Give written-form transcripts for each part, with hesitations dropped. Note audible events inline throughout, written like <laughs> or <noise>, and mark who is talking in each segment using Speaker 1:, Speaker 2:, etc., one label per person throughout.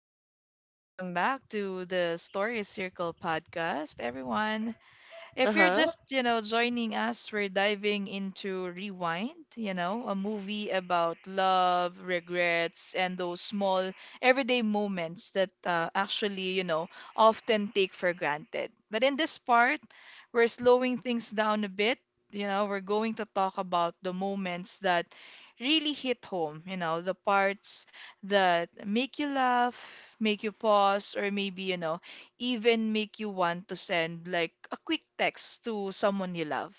Speaker 1: Again, welcome back to the Story Circle podcast, everyone. If you're
Speaker 2: Uh-huh.
Speaker 1: just, you know, joining us, we're diving into Rewind, you know, a movie about love, regrets, and those small everyday moments that actually, you know, often take for granted. But in this part, we're slowing things down a bit. You know, we're going to talk about the moments that really hit home, you know, the parts that make you laugh, make you pause, or maybe, you know, even make you want to send like a quick text to someone you love.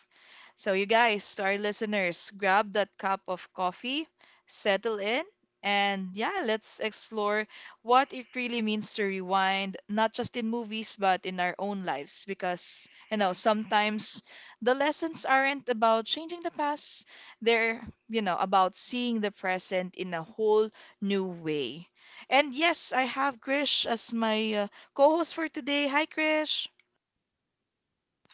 Speaker 1: So, you guys, to our listeners, grab that cup of coffee, settle in, and yeah, let's explore what it really means to rewind, not just in movies, but in our own lives. Because, you know, sometimes the lessons aren't about changing the past, they're, you know, about seeing the present in a whole new way. And yes, I have Grish as my co-host for today. Hi, Krish.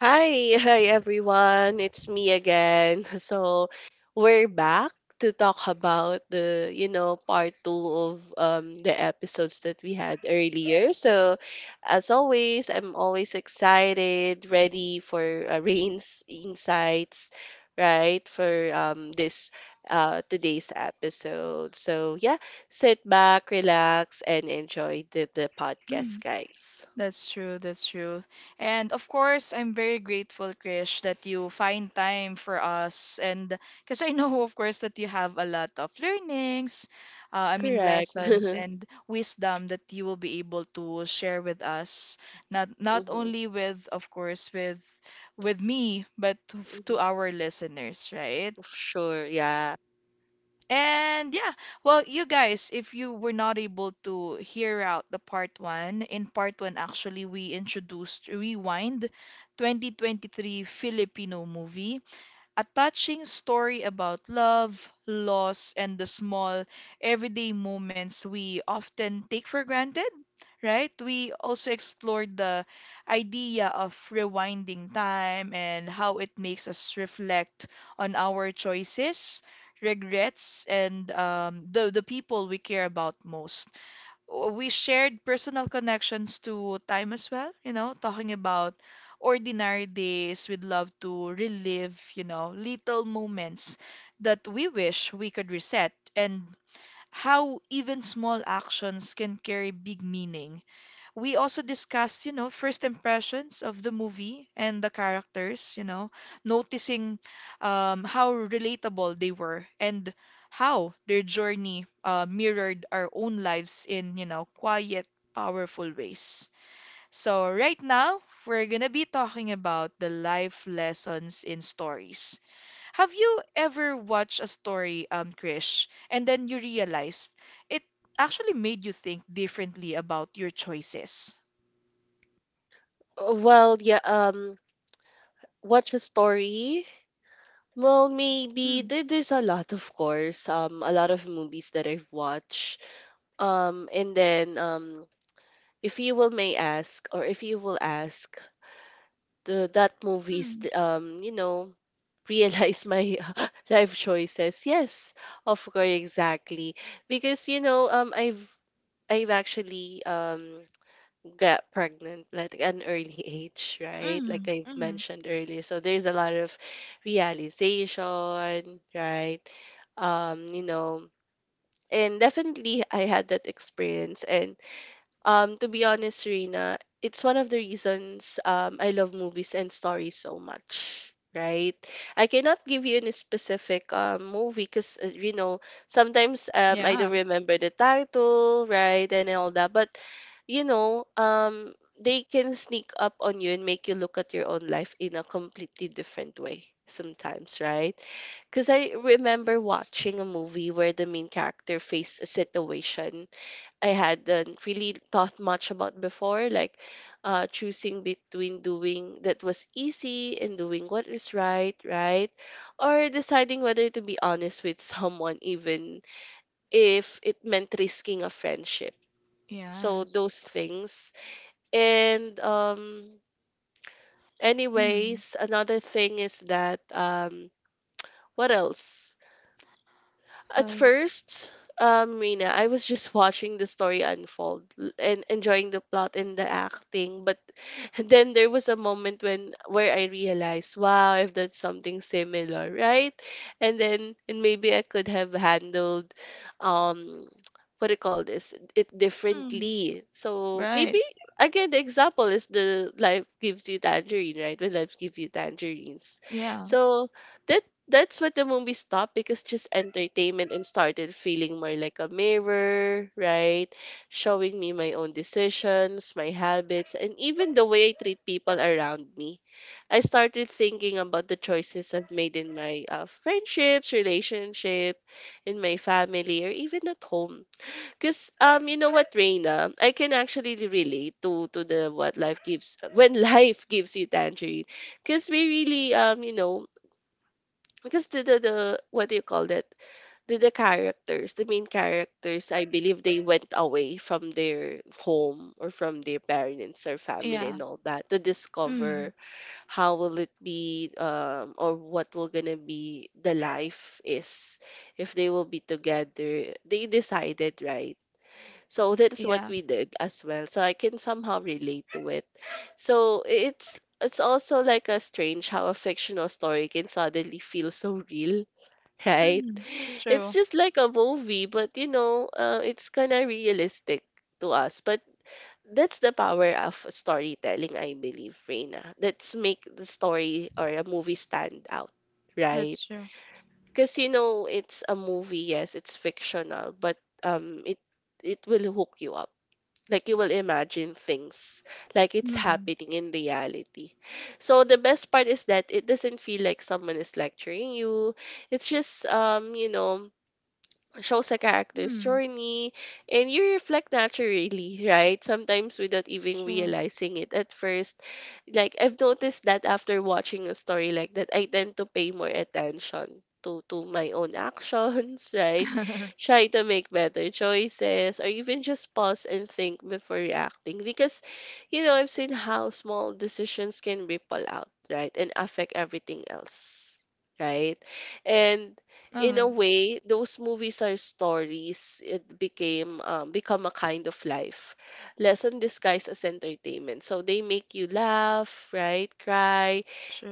Speaker 2: Hi, hi everyone. It's me again. <laughs> We're back to talk about part two of the episodes that we had earlier. So, as always, I'm always excited, ready for Rain's insights, right? For this today's episode. So, yeah, sit back, relax, and enjoy the podcast,
Speaker 1: Mm,
Speaker 2: guys.
Speaker 1: That's true, that's true. And of course, I'm very grateful, Krish, that you find time for us. And because I <laughs> know, of course, that you have a lot of
Speaker 2: Correct.
Speaker 1: lessons
Speaker 2: <laughs>
Speaker 1: and wisdom that you will be able to share with us. Not
Speaker 2: hmm
Speaker 1: only with, of course, with me, but to
Speaker 2: Mhm.
Speaker 1: our listeners, right?
Speaker 2: Sure, yeah.
Speaker 1: And yeah, well, you guys, if you were not able to hear out the part one, in part one, actually, we introduced Rewind 2023 Filipino movie, a touching story about love, loss, and the small everyday moments we often take for granted, right? We also explored the idea of rewinding time and how it makes us reflect on our choices, regrets, and the people we care about most. We shared personal connections to time as well, you know, talking about ordinary days we'd love to relive, you know, little moments that we wish we could reset, and how even small actions can carry big meaning. We also discussed, you know, first impressions of the movie and the characters, you know, noticing how relatable they were and how their journey mirrored our own lives in, you know, quiet, powerful ways. So, right now, we're gonna be talking about the life lessons in stories. Have you ever watched a story, Krish, and then you realized it actually made you think differently about your choices?
Speaker 2: Well, yeah, watch a story? Well, maybe
Speaker 1: Mm,
Speaker 2: there's a lot, of course. A lot of movies that I've watched. And then if you will may ask, or if you will ask, the that movies,
Speaker 1: mm,
Speaker 2: you know, realize my <laughs> life choices. Yes, of course, exactly. Because you know, I've actually get pregnant like at an early age, right? Like
Speaker 1: mm,
Speaker 2: I
Speaker 1: mm.
Speaker 2: mentioned earlier. So there's a lot of realization, right? You know, and definitely I had that experience and to be honest, Rina, it's one of the reasons I love movies and stories so much, right? I cannot give you any specific movie because, you know, sometimes I don't
Speaker 1: Yeah,
Speaker 2: remember the title, right, and all that. But, you know, they can sneak up on you and make you look at your own life in a completely different way sometimes, right? Because I remember watching a movie where the main character faced a situation I hadn't really thought much about before, like choosing between doing that was easy and doing what is right, right? Or deciding whether to be honest with someone, even if it meant risking a friendship. So,
Speaker 1: yes.
Speaker 2: those things. And, um,
Speaker 1: Mm.
Speaker 2: anyways, another thing is that, what else? At
Speaker 1: But,
Speaker 2: first, Rina, I was just watching the story unfold and enjoying the plot and the acting. But <laughs> then there was a moment when where I realized, wow, I've done something similar, right? And maybe I could have handled, um, <tsk> what do you call this? It
Speaker 1: mm,
Speaker 2: differently. So
Speaker 1: right.
Speaker 2: maybe again, the example is the life gives you tangerine, right? When life gives you tangerines,
Speaker 1: Yeah,
Speaker 2: so that that's what the movie stopped because just entertainment and started feeling more like a mirror, right? Showing me my own decisions, my habits, and even the way I treat people around me. I started thinking about the choices I've made in my friendships, relationship, in my family, or even at home. Because you know what, Reina, I can actually relate to the what life gives <laughs> when life gives you tangerine. Because we really you know because the what do you call that? The characters, the main characters, I believe they went away from their home or from their parents or family
Speaker 1: yeah.
Speaker 2: and all that to
Speaker 1: Mm,
Speaker 2: discover how will it be or what will gonna be the life is if they will be together. They decided, right? So that's what
Speaker 1: yeah.
Speaker 2: we did as well. So I can somehow relate to it. So it's also like a strange how a fictional story can suddenly feel so real, right?
Speaker 1: Mm.
Speaker 2: <laughs> It's
Speaker 1: True.
Speaker 2: just like a movie, but you know, it's kind of realistic to us. But that's the power of storytelling, I believe, Reina. That's make the story or a movie stand out, right?
Speaker 1: That's true.
Speaker 2: Because you know, it's a movie, yes, it's fictional, but um, it it will hook you up. Like you will imagine things like it's
Speaker 1: Mm,
Speaker 2: happening in reality. So the best part is that it doesn't feel like someone is lecturing you. It's just you know, shows a character's
Speaker 1: mm.
Speaker 2: journey and you reflect naturally, right? Sometimes without even
Speaker 1: True.
Speaker 2: realizing it at first. Like I've noticed that after watching a story like that, I tend to pay more attention to my own actions, <laughs> right?
Speaker 1: <laughs>
Speaker 2: Try to make better choices or even just pause and think before reacting because you know, I've seen how small decisions can ripple out, right? And affect everything else, right? And in
Speaker 1: Uh,
Speaker 2: a way, those movies are stories. It became become a kind of life lesson disguised as entertainment. So they make you laugh, right, cry,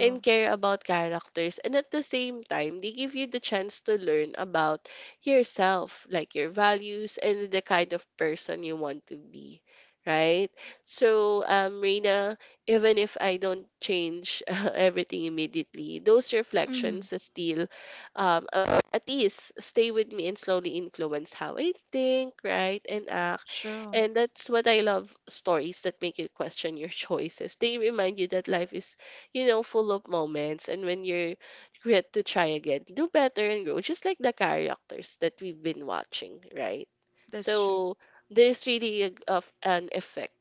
Speaker 2: and care about characters. And at the same time, they give you the chance to learn about yourself, like your values and the kind of person you want to be. Right? So, Reina, even if I don't change <laughs> everything immediately, those
Speaker 1: Mm,
Speaker 2: reflections still um, at least stay with me and slowly influence how I think, right, and act.
Speaker 1: true.
Speaker 2: And that's what I love stories that make you question your <laughs> choices. They remind you that life is, you know, full of moments. And when you're great to try again, do better and grow, just like the characters that we've been watching, right?
Speaker 1: That's true.
Speaker 2: So there's really a, of an effect,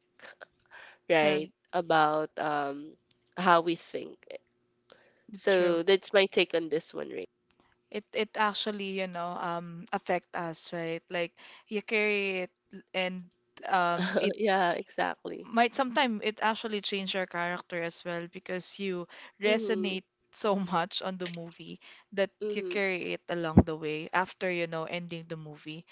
Speaker 2: right,
Speaker 1: Right.
Speaker 2: about how we think.
Speaker 1: True.
Speaker 2: So that's my take on this one, Ray.
Speaker 1: It actually, you know, affect us, right? Like you carry it, and it
Speaker 2: <laughs> Yeah, exactly.
Speaker 1: might sometimes it actually change your character as well because you
Speaker 2: Mm-hmm,
Speaker 1: resonate so <laughs> much on the movie that you
Speaker 2: mm-hmm,
Speaker 1: carry it along the way after, you know, ending the movie.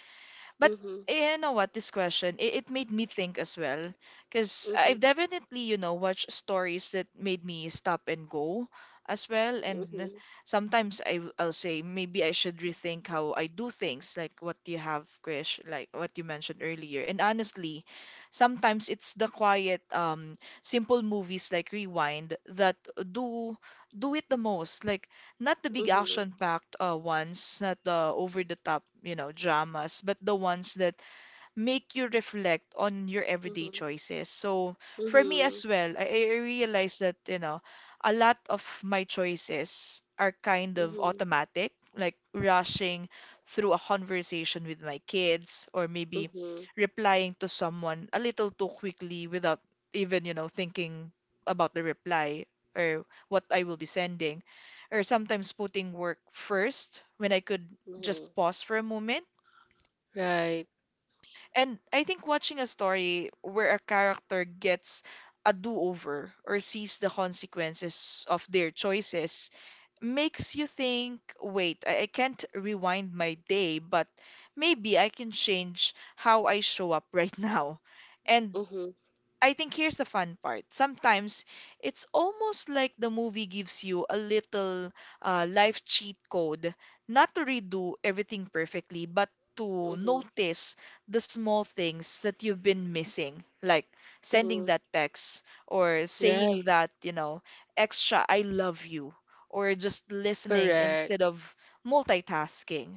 Speaker 1: But
Speaker 2: mm-hmm,
Speaker 1: you know what? This question, it made me think as well. Because
Speaker 2: mm-hmm,
Speaker 1: I've definitely, you know, watched stories that made me stop and go as well. And
Speaker 2: mm-hmm,
Speaker 1: sometimes I'll say maybe I should rethink how I do things, like what you have, Krish, like what you mentioned earlier. And honestly, sometimes it's the quiet, simple movies like Rewind that do do it the most. Like not the big
Speaker 2: mm-hmm.
Speaker 1: action-packed ones, not the over-the-top, you know, dramas, but the ones that make you reflect on your everyday
Speaker 2: Mm-hmm.
Speaker 1: choices. So for me
Speaker 2: Mhm.
Speaker 1: as well, I realized that, you know, a lot of my choices are kind of
Speaker 2: Mhm.
Speaker 1: automatic, like rushing through a conversation with my kids, or maybe
Speaker 2: Mhm.
Speaker 1: replying to someone a little too quickly without even, you know, thinking about the reply or what I will be sending, or sometimes putting work first when I could just
Speaker 2: Mhm.
Speaker 1: pause for a moment.
Speaker 2: Right.
Speaker 1: And I think watching a story where a character gets a do-over or sees the consequences of their choices makes you think, wait, I can't rewind my day, but maybe I can change how I show up <laughs> right now. And
Speaker 2: Mhm.
Speaker 1: I think here's the fun part. Sometimes it's almost like the movie gives you a little life cheat code, not to redo everything perfectly, but to
Speaker 2: Mhm.
Speaker 1: notice the small things that you've been missing, like sending
Speaker 2: Mhm.
Speaker 1: that text or saying
Speaker 2: Right.
Speaker 1: that, you know, extra I love you, or just listening
Speaker 2: Correct.
Speaker 1: instead of multitasking.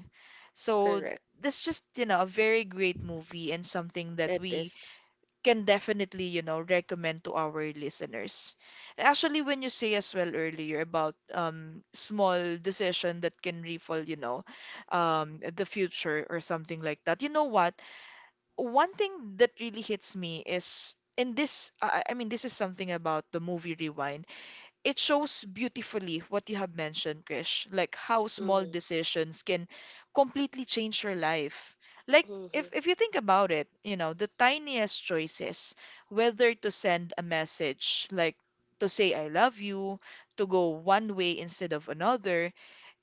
Speaker 1: So,
Speaker 2: Correct.
Speaker 1: this just, you know, a very great movie and something that
Speaker 2: It
Speaker 1: we
Speaker 2: is.
Speaker 1: can definitely, you know, recommend to our listeners. And actually, when you say as well earlier about small decision that can ripple, you know, the future or something like that. You know what? One thing that really hits me is in this I mean, this is something about the movie Rewind. It shows beautifully what you have mentioned, Krish, like how small
Speaker 2: Mhm.
Speaker 1: decisions can completely change your life. Like
Speaker 2: Mhm.
Speaker 1: if you think about it, you know, the tiniest choices, whether to send a message, like to say I love you, to go one way instead of another,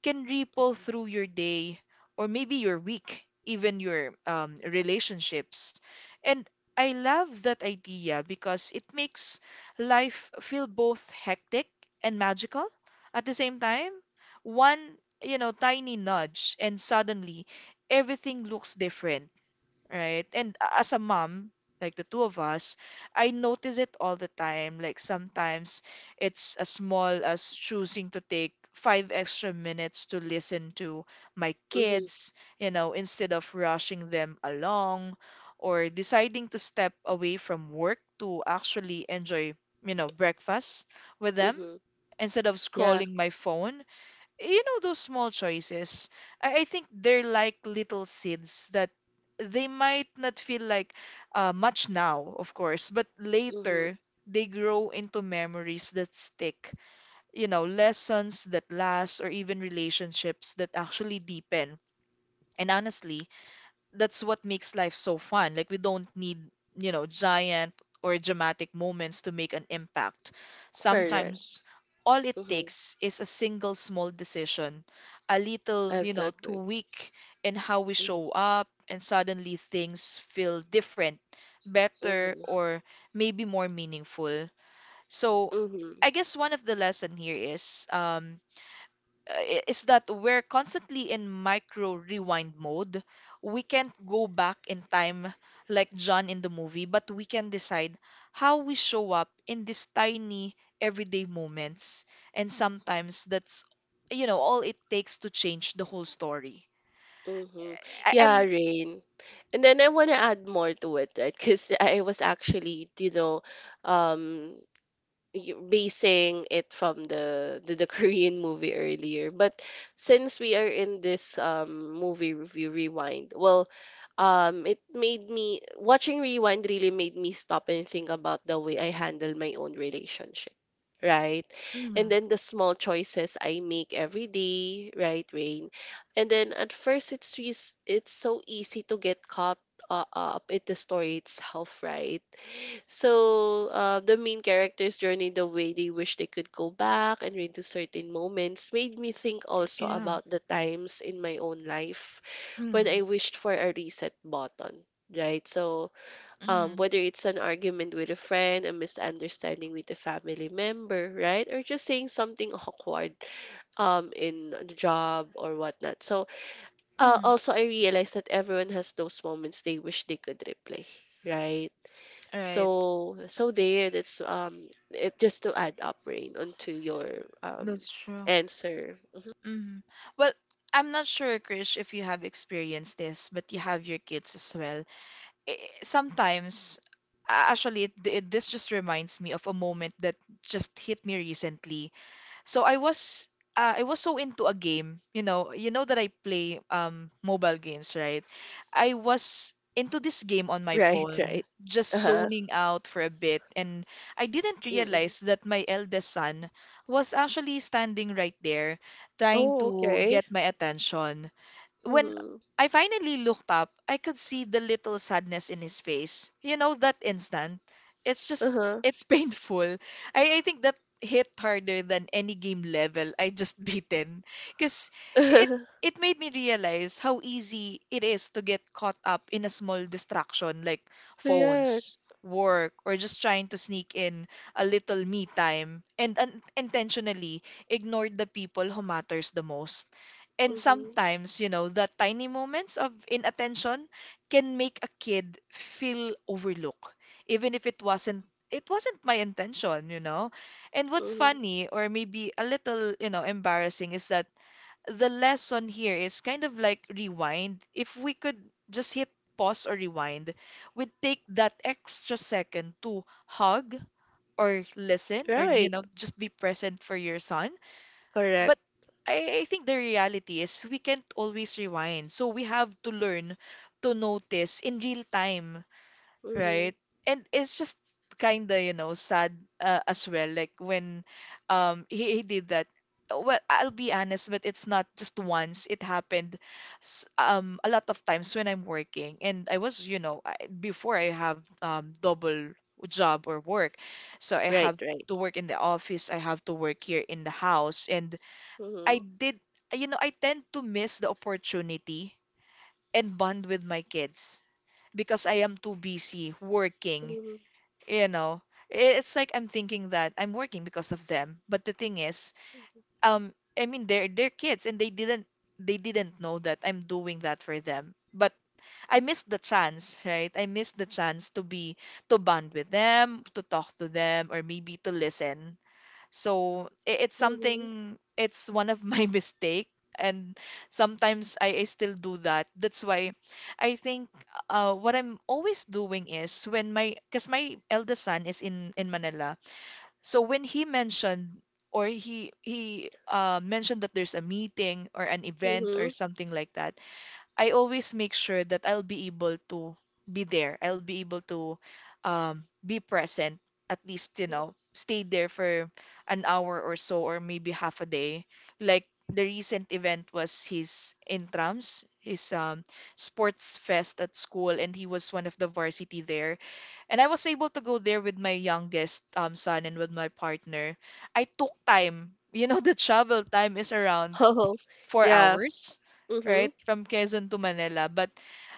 Speaker 1: can ripple
Speaker 2: Mhm.
Speaker 1: through your day or maybe your week, even your relationships. And I love that idea because it makes life feel both hectic and magical at the same time. One, you know, tiny nudge, and suddenly everything looks different, right? And as a mom, like the two of us, I notice it all the time. Like sometimes it's as small as choosing to take 5 extra minutes to listen to my
Speaker 2: Mhm.
Speaker 1: kids, you know, instead of rushing them along, or deciding to step away from work to actually enjoy, you know, breakfast with them
Speaker 2: Mhm.
Speaker 1: instead of
Speaker 2: Yeah.
Speaker 1: scrolling my phone. You know, those small choices, I think they're like little seeds. That they might not feel like much now, of course, but
Speaker 2: Mhm.
Speaker 1: later they grow into memories that stick, you know, lessons that last, or even relationships that actually deepen. And honestly, that's what makes life so fun. Like we don't need, you know, giant or dramatic moments to make an impact.
Speaker 2: Correct.
Speaker 1: Sometimes all it
Speaker 2: Mhm.
Speaker 1: takes is a single small decision, a little, you know,
Speaker 2: Exactly.
Speaker 1: tweak in how we
Speaker 2: Mhm.
Speaker 1: show up, and suddenly things feel different, better,
Speaker 2: Mhm.
Speaker 1: or maybe more meaningful. So
Speaker 2: Mhm.
Speaker 1: I guess one of the lesson here is is that we're constantly in micro rewind mode. We can't go back in time like John in the movie, but we can decide how we show up in these tiny everyday moments. And sometimes that's, you know, all it takes to change the whole story.
Speaker 2: Mhm.
Speaker 1: I-
Speaker 2: Yeah,
Speaker 1: I'm,
Speaker 2: Rain. And then I want to add more to it, right? Because I was actually, you know, um, basing it from the <laughs> Korean movie earlier. But since we are in this movie review rewind, well, it made me watching rewind really made me stop and think about the way I handle my own relationship. Right. And
Speaker 1: mm,
Speaker 2: then the small choices I make every day, right, Rain? And then at first it's so easy to get caught up in the story itself, right? So, the main characters' journey, the way they wish they could go back and redo certain moments, made me think also
Speaker 1: yeah,
Speaker 2: about the times in my own life when
Speaker 1: mm,
Speaker 2: I wished for a reset button, right? So,
Speaker 1: mm,
Speaker 2: whether it's an argument with a friend, a misunderstanding with a family member, right? Or just saying something awkward, in the job or whatnot. So,
Speaker 1: mm,
Speaker 2: also I realized that everyone has those moments they wish they could replay, right?
Speaker 1: right.
Speaker 2: So that's it just to add up rain onto your
Speaker 1: That's true.
Speaker 2: answer. <laughs>
Speaker 1: Mm. Well, I'm not sure, Krish, if you have experienced this, but you have your kids as well. Sometimes actually it, it, this just reminds me of a moment that just hit me recently. So I was so into a game. You know, you know that I play mobile games, right? I was into this game on my
Speaker 2: Right,
Speaker 1: phone,
Speaker 2: right.
Speaker 1: just
Speaker 2: Uh-huh.
Speaker 1: zoning out for a bit, and I didn't
Speaker 2: Mm-hmm.
Speaker 1: realize that my eldest son was actually standing right there trying
Speaker 2: Oh,
Speaker 1: to
Speaker 2: okay.
Speaker 1: get my attention. When
Speaker 2: Mm-hmm.
Speaker 1: I finally looked up, I could see the little sadness in his face. You know, that instant. It's just,
Speaker 2: Uh-huh.
Speaker 1: it's <laughs> painful. I think that hit harder than any game level I just <laughs> beaten. Because it,
Speaker 2: <laughs>
Speaker 1: it made me realize how easy it is to get caught up in a small distraction, like
Speaker 2: Correct.
Speaker 1: phones, work, or just trying to sneak in a little me time, and un- intentionally ignore the people who matters the most. And
Speaker 2: Mm-hmm.
Speaker 1: sometimes, you know, the tiny moments of inattention can make a kid feel overlooked, even if it wasn't it wasn't my intention, you know. And what's
Speaker 2: Mm-hmm.
Speaker 1: funny, or maybe a little, you know, embarrassing, is that the lesson here is kind of like rewind. If we could just hit pause or rewind, we'd take that extra second to hug or listen or, you
Speaker 2: Right.
Speaker 1: know, just be present for your son.
Speaker 2: Correct.
Speaker 1: But I think the reality is we can't always rewind. So we have to learn to notice in real time,
Speaker 2: Mm-hmm.
Speaker 1: right? And it's just kind of, you know, sad as well. Like when he did that. Well, I'll be honest, but it's not just once. It happened a lot of times when I'm working. And I was, you know, I, before I have double job or work, so I
Speaker 2: Right,
Speaker 1: have
Speaker 2: right.
Speaker 1: to work in the office, I have to work here in the house, and I
Speaker 2: Mm-hmm.
Speaker 1: did, you know, I tend to miss the opportunity and bond with my kids because I am too busy working,
Speaker 2: Mm-hmm.
Speaker 1: you know. I- it's like I'm thinking that I'm working because of them, but the thing is, they're kids and they didn't know that I'm doing that for them. But I missed the chance, right? I missed the chance to be to bond with them, to talk to them, or maybe to listen it's
Speaker 2: Mm-hmm.
Speaker 1: something, it's one of my <laughs> mistake. And sometimes I still do that. That's why I think what I'm always doing is when my, because my eldest son is in Manila. So when he mentioned or he mentioned that there's a meeting or an event or
Speaker 2: Mm-hmm. <laughs>
Speaker 1: something like that, I always make sure that I'll be able to be there. I'll be able to be present, at least, you know, stay there for an hour or so, or maybe half a day. Like the recent event was his intrams, his sports fest at school, and he was one of the varsity there. And I was able to go there with my youngest son and with my partner. I took time. You know, <laughs> the travel time is around
Speaker 2: Oh,
Speaker 1: four
Speaker 2: yeah.
Speaker 1: hours,
Speaker 2: Mm-hmm.
Speaker 1: right, from Quezon to Manila. But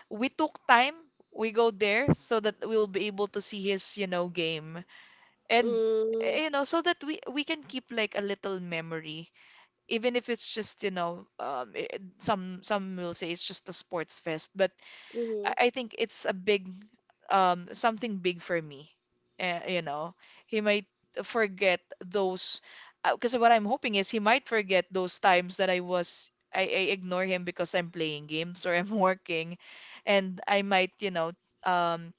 Speaker 1: we took time. We go there so that we'll be able to see his, you know, game. And
Speaker 2: Mm-hmm.
Speaker 1: you know, so that we can keep like a little memory, even if it's just, you know, some will say it's just a sports fest, but
Speaker 2: Mm-hmm.
Speaker 1: I think it's a big something big for me. You know, he might forget those because what I'm hoping is he might forget those times that I ignore him because I'm playing games or <laughs> I'm working, and I might, you know, um,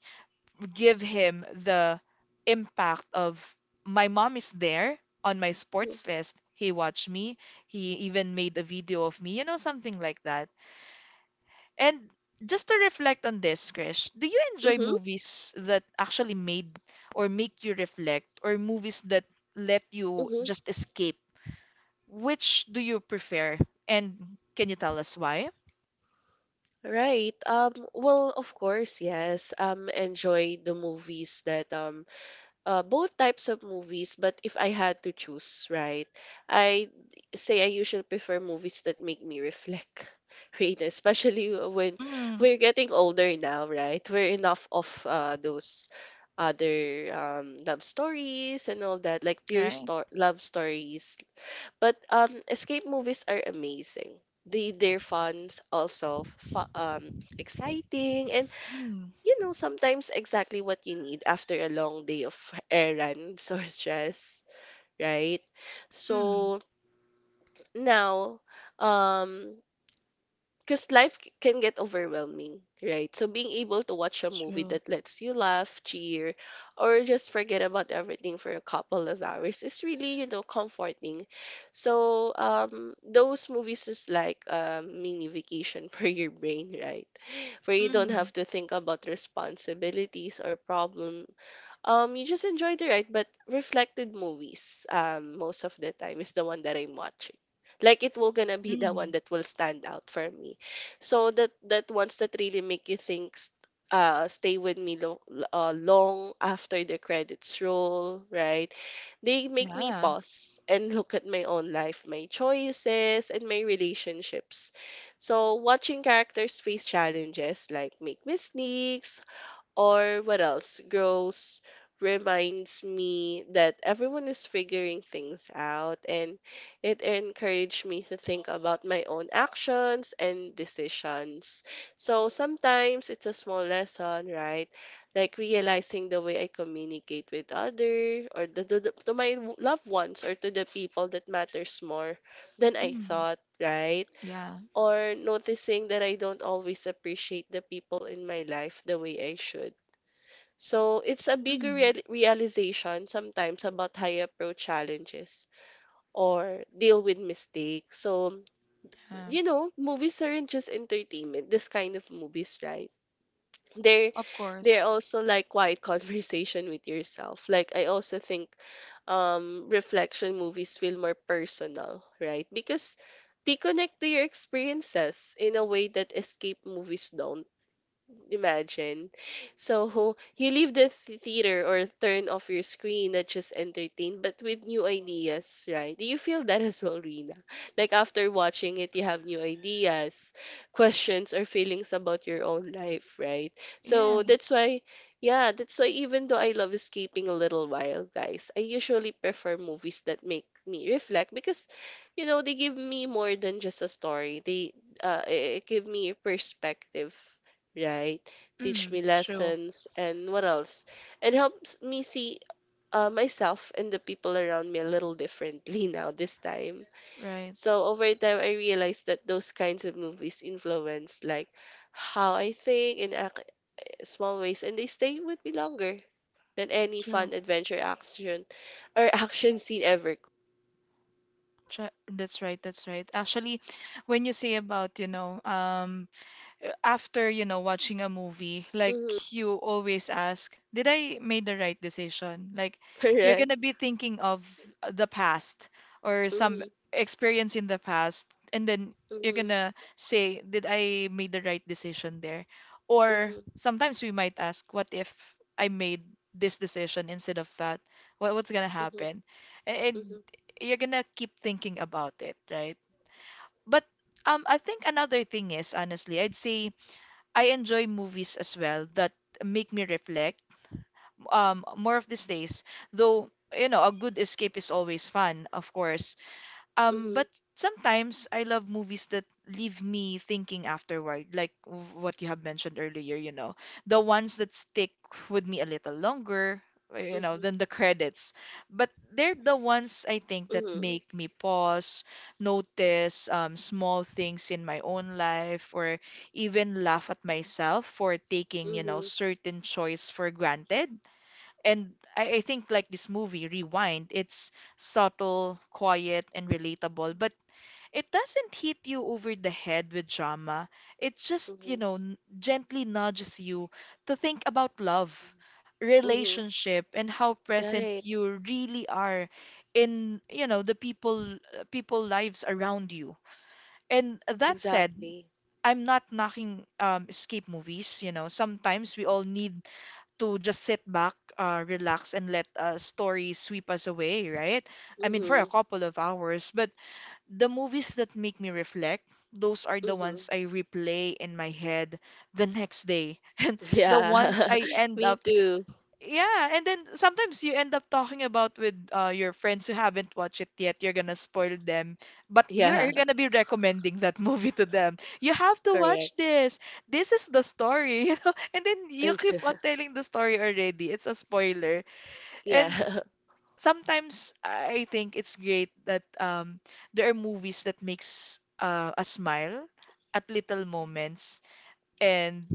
Speaker 1: give him the impact of my mom is there on my sports fest. He watched me. He even made a video of me, you know, something like that. And just to reflect on this, Krish, do you enjoy
Speaker 2: Mm-hmm.
Speaker 1: movies that actually made or make you reflect, or movies that let you just escape? Which do you prefer? And can you tell us why?
Speaker 2: Right. Well, of course, yes. Enjoy the movies that both types of movies. But if I had to choose, right, I say I usually prefer movies that make me reflect. <laughs> Right, especially when
Speaker 1: Mm,
Speaker 2: we're getting older now, right? We're enough of those other love stories and all that, like pure
Speaker 1: right.
Speaker 2: sto love stories but escape movies are amazing. They're fun, also exciting, and
Speaker 1: Mm,
Speaker 2: you know sometimes exactly what you need after a long day of errands <laughs> or stress, right?
Speaker 1: mm,
Speaker 2: So now, um, because can get overwhelming, right? So being able to watch a movie
Speaker 1: true.
Speaker 2: that lets you laugh, cheer, or just forget about everything for a couple of hours is really, you know, comforting. So those movies is like a mini vacation <laughs> for your brain, right? Where you don't
Speaker 1: Mm,
Speaker 2: have to think about responsibilities or problem you just enjoy the ride, but reflected movies, most of the time is the one that I'm watching. Like it will gonna be the one
Speaker 1: mm,
Speaker 2: that will stand out for me. So that ones that really make you think, stay with me long after the credits roll, right? They make me
Speaker 1: yeah.
Speaker 2: pause and look at my own life, my choices, and my relationships. So watching characters face challenges like make mistakes, or what else? Gross reminds me that everyone is figuring things out and it encouraged me to think about my own actions and decisions. So sometimes it's a small lesson, right? Like realizing the way I communicate with other or to my loved ones or to the people that matters more than I
Speaker 1: Mm,
Speaker 2: thought, right?
Speaker 1: yeah.
Speaker 2: Or noticing that I don't always appreciate the people in my life the way I should. So it's a bigger
Speaker 1: Mm,
Speaker 2: realization sometimes about how you approach challenges or deal with mistakes. So,
Speaker 1: yeah.
Speaker 2: you know, movies aren't just entertainment, this kind of movies, right? They're
Speaker 1: Of
Speaker 2: they're
Speaker 1: course.
Speaker 2: also like quiet <laughs> conversation with yourself. Like I also think reflection movies feel more personal, right? Because they connect to your experiences in a way that escape movies don't imagine. So you leave the theater or turn off your screen, not just entertained, but with new ideas, right? Do you feel that as well, Rina? Like after watching it, you have new ideas, questions, or feelings about your own life, right? So
Speaker 1: Yeah.
Speaker 2: that's why, yeah, that's why even though I love escaping a little while, guys, I usually prefer movies that make me reflect because, they give me more than just a story. They it give me perspective, right? Teach
Speaker 1: Mm,
Speaker 2: me
Speaker 1: true.
Speaker 2: lessons and what else? And helps me see myself and the people around me a little differently <laughs> now this time.
Speaker 1: Right.
Speaker 2: So over time, I realized that those kinds of movies influence like how I think and act in small ways, and they stay with me longer than any
Speaker 1: True.
Speaker 2: fun adventure action or <laughs> action scene ever.
Speaker 1: That's right, that's right. Actually, when you say about, you know, after, you know, watching a movie, like
Speaker 2: Mm-hmm.
Speaker 1: you always ask, did I made the right decision? Like
Speaker 2: <laughs>
Speaker 1: you're
Speaker 2: Correct.
Speaker 1: gonna be thinking of the past or some
Speaker 2: Mm-hmm.
Speaker 1: experience in the past, and then you're
Speaker 2: Mm-hmm.
Speaker 1: gonna say, did I made the right decision there? Or
Speaker 2: Mm-hmm.
Speaker 1: sometimes we might ask, what if I made this decision instead of that? What's gonna
Speaker 2: Mm-hmm.
Speaker 1: happen? And
Speaker 2: Mm-hmm.
Speaker 1: you're gonna keep thinking about it, right? But I think another thing is honestly, I'd say I enjoy movies as well that make me reflect more of these days. Though, you know, a good escape is always fun, of course.
Speaker 2: Mm-hmm.
Speaker 1: But sometimes I love movies that leave me thinking afterward, like what you have mentioned earlier, you know, the ones that stick with me a little longer, you know,
Speaker 2: Mm-hmm.
Speaker 1: than the credits. But they're the ones I think that make me pause, notice small things in my own life, or even laugh at myself for taking, you know,
Speaker 2: Mm-hmm.
Speaker 1: certain choice for granted. And I think like this movie, Rewind, it's subtle, quiet, and relatable, but it doesn't hit you over the head with drama. It just,
Speaker 2: Mm-hmm.
Speaker 1: you know, gently nudges you to think about love,
Speaker 2: Mm-hmm. Mhm.
Speaker 1: relationship, and how present
Speaker 2: Right.
Speaker 1: you really are in, you know, the people lives around you. And that said,
Speaker 2: Exactly.
Speaker 1: I'm not knocking escape movies. You know, sometimes we all need to just sit back, relax, and let a story sweep us away, right? I mean, for a
Speaker 2: Mhm.
Speaker 1: couple of hours. But the movies that make me reflect, those are the
Speaker 2: Mhm.
Speaker 1: ones I replay in my head the next day. <laughs> And the
Speaker 2: Yeah.
Speaker 1: ones I
Speaker 2: <laughs>
Speaker 1: end
Speaker 2: Me
Speaker 1: up
Speaker 2: too.
Speaker 1: yeah, and then sometimes you end up talking about with your friends who haven't watched it yet. You're gonna spoil them, but
Speaker 2: Yeah.
Speaker 1: you're gonna be recommending that <laughs> movie to them. You have to watch
Speaker 2: Correct.
Speaker 1: this. This is the story, <laughs> you know. And then you keep on
Speaker 2: <laughs>
Speaker 1: telling the story already. It's a spoiler. And
Speaker 2: Yeah. <laughs>
Speaker 1: sometimes I think it's great that there are movies that makes a smile at little moments and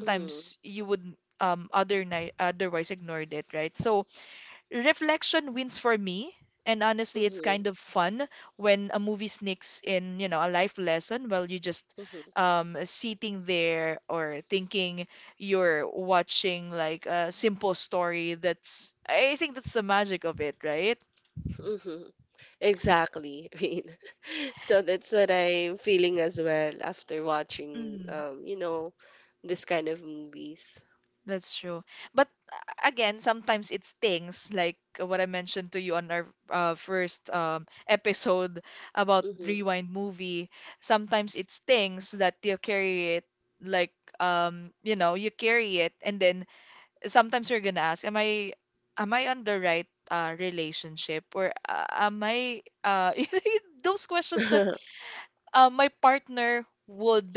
Speaker 2: Mhm.
Speaker 1: you would other otherwise ignored it, right? So reflection wins for me. And honestly, it's
Speaker 2: Mhm.
Speaker 1: kind of fun when a movie sneaks in, you know, a life lesson while you just
Speaker 2: Mhm.
Speaker 1: sitting there or thinking you're watching like a simple story. That's, I think that's the magic of it, right?
Speaker 2: Mhm. Exactly. <laughs> I mean, so that's what I'm feeling as well after watching, this kind of movies.
Speaker 1: That's true. But again, sometimes it's things like what I mentioned to you on our first <laughs> episode about
Speaker 2: Mhm.
Speaker 1: Rewind movie. Sometimes it's things that you carry it, like you know, you carry it, and then sometimes you're gonna ask, am I on the right relationship, or am I?" <laughs> Those questions that
Speaker 2: <laughs>
Speaker 1: my partner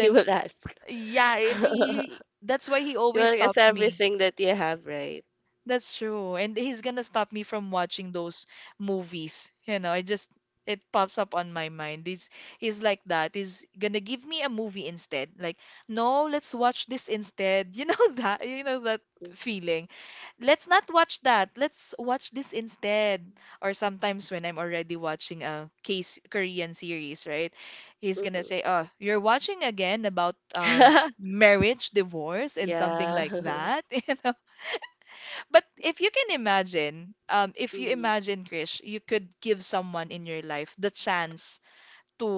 Speaker 2: You will ask.
Speaker 1: Yeah, and
Speaker 2: <laughs>
Speaker 1: he, that's why he
Speaker 2: You
Speaker 1: always
Speaker 2: will ask
Speaker 1: stopped me.
Speaker 2: everything that you have, right?
Speaker 1: That's true. And he's gonna stop me from watching those movies. You know, I just it pops up on my mind. He's like that. He's gonna give me a movie instead. Like, no, let's watch this instead. <laughs> You know that
Speaker 2: Mhm.
Speaker 1: feeling. Let's not watch that. Let's watch this instead. Or sometimes when I'm already watching a case Korean series, right? He's gonna
Speaker 2: Mhm.
Speaker 1: say, oh, you're watching again about
Speaker 2: <laughs>
Speaker 1: marriage, divorce, and something like
Speaker 2: Yeah.
Speaker 1: that. <laughs>
Speaker 2: <laughs>
Speaker 1: You know. But if you can imagine, if you
Speaker 2: Mm-hmm.
Speaker 1: imagine, Krish, you could give someone in your life the chance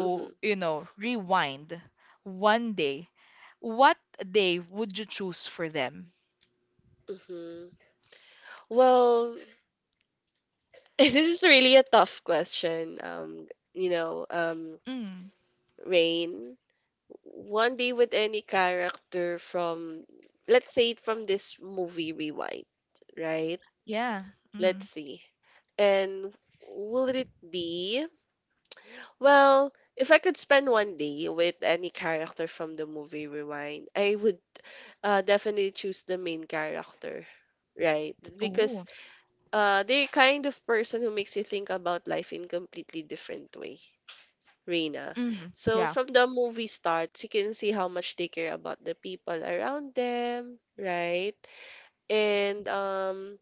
Speaker 2: Mm-hmm,
Speaker 1: you know, rewind one day, what day would you choose for them?
Speaker 2: mm-hmm. Well, <laughs> it is really a tough question. You know, um,
Speaker 1: Mm,
Speaker 2: Rain, one day with any character from, let's say, from this movie Rewind, right?
Speaker 1: yeah.
Speaker 2: Let's
Speaker 1: Mm.
Speaker 2: see. And will it be? Well, if I could spend one day with any character from the movie Rewind, I would definitely choose the main character, right? Because
Speaker 1: Oh.
Speaker 2: They're kind of person who makes you think about life in completely different way, Reina.
Speaker 1: Mm,
Speaker 2: So
Speaker 1: yeah.
Speaker 2: from the movie starts, you can see how much they care about the people around them, right? And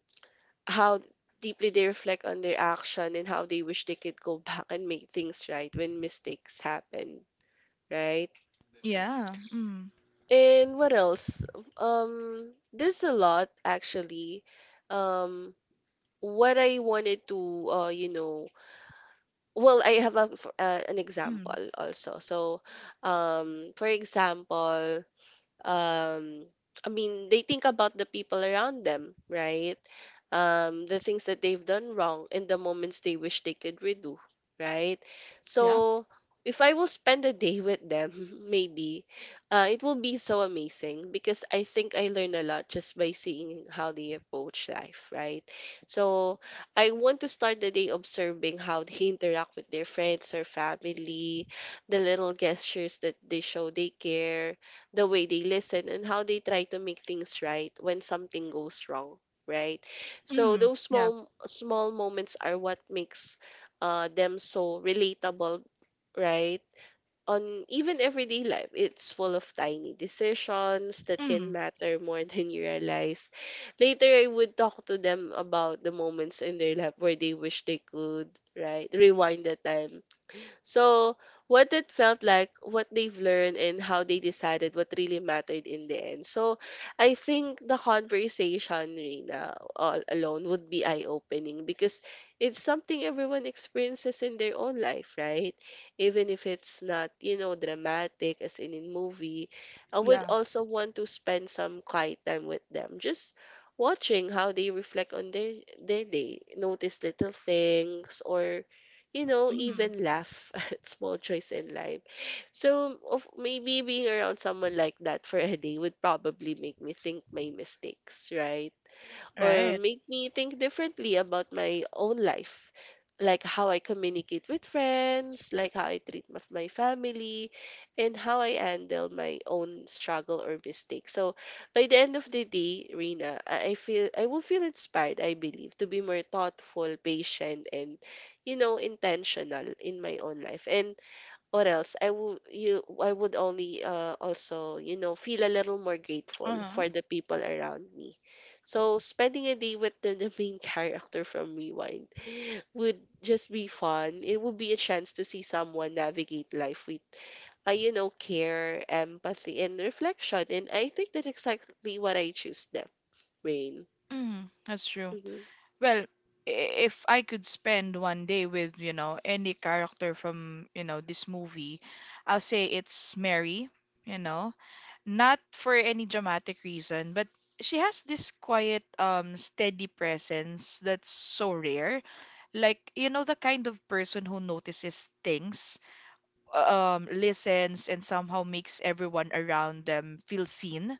Speaker 2: how deeply they reflect on their action and how they wish they could go back and make things right when mistakes happen, right?
Speaker 1: Yeah. Mm,
Speaker 2: And what else? There's a lot actually. Um, what I wanted to, you know. Well, I have an
Speaker 1: mm,
Speaker 2: example also. So, for example, um I mean, they think about the people around them, right? The things that they've done wrong and the moments they wish they could redo, right?
Speaker 1: yeah.
Speaker 2: So if I will spend a day with them, <laughs> maybe, it will be so amazing because I think I learn a lot just by seeing how they approach life, right? So I want to start the day observing how they <laughs> interact with their friends or family, the little gestures that they show they care, the way they listen and how they try to make things right when something goes wrong, right? So
Speaker 1: Mm,
Speaker 2: those
Speaker 1: yeah.
Speaker 2: small small moments are what makes them so relatable, right? On even everyday life, it's full of tiny decisions that can
Speaker 1: Mm,
Speaker 2: matter more <laughs> than you realize. Later I would talk to them about the moments in their life where they wish they could, right, rewind the time. So what it felt like, what they've learned, and how they decided what really mattered in the end. So I think the conversation, Rina, all alone would be eye opening because it's something everyone experiences in their own life, right? Even if it's not, dramatic as in movie, I would
Speaker 1: yeah.
Speaker 2: also want to spend some quiet time with them. Just watching how they reflect on their day, notice little things or,
Speaker 1: Mm,
Speaker 2: even laugh <laughs> at small choice in life. So of maybe being around someone like that for a day would probably make me think my mistakes, right? Or
Speaker 1: right.
Speaker 2: make me think differently about my own life, like how I communicate with friends, like how I treat my my family, and how I handle my own struggle or mistakes. So by the end of the day, Rina, I feel I will feel inspired, I believe, to be more thoughtful, patient, and, intentional in my own life. And or else I would only also, you know, feel a little more grateful
Speaker 1: Uh-huh.
Speaker 2: for the people around me. So spending a day with the, <laughs> the main character from Rewind would just be fun. It would be a chance to see someone navigate life with, you know, care, empathy, and reflection. And I think that's exactly what I choose. That rain.
Speaker 1: Mm, that's true.
Speaker 2: Mm-hmm.
Speaker 1: Well, if I could spend one day with, you know, any character from, you know, this movie, I'll say it's Mary, you know, not for any dramatic reason, but she has this quiet, steady presence that's so rare. Like, you know, the kind of person who notices things, listens, and somehow makes everyone around them feel seen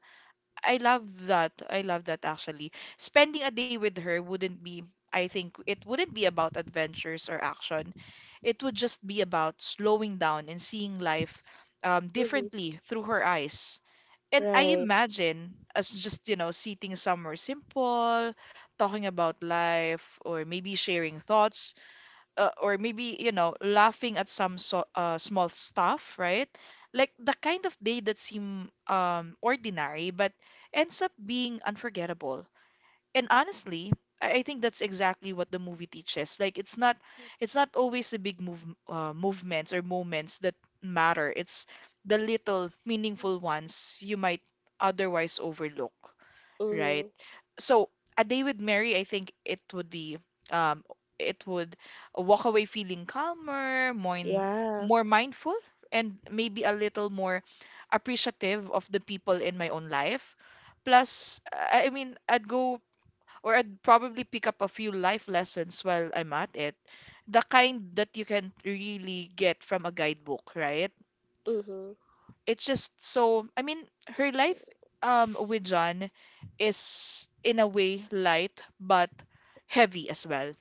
Speaker 1: I love that. I love that actually. Spending a day with her wouldn't be, I think, it wouldn't be about adventures or action. It would just be about slowing down and seeing life
Speaker 2: Mm-hmm.
Speaker 1: differently through her eyes. And I
Speaker 2: Right.
Speaker 1: imagine us just, you know, sitting somewhere simple, talking about life, or maybe sharing thoughts or maybe you know laughing at some small stuff right like the kind of day that seem ordinary but ends up being unforgettable and honestly I think that's exactly what the movie teaches. Like it's not always the big move, movements or moments that matter. It's the little meaningful ones you might otherwise overlook right?
Speaker 2: Mm-hmm.
Speaker 1: So a day with Mary, I think it would be um it would walk away feeling calmer, more
Speaker 2: Yeah.
Speaker 1: more mindful, and maybe a little more appreciative of the people in my own life. Plus, I mean, I'd go or I'd probably pick up a few life lessons while I'm at it. The kind that you can really get from a guidebook, right?
Speaker 2: Mm-hmm.
Speaker 1: it's just so I mean her life with John is in a way light but heavy as well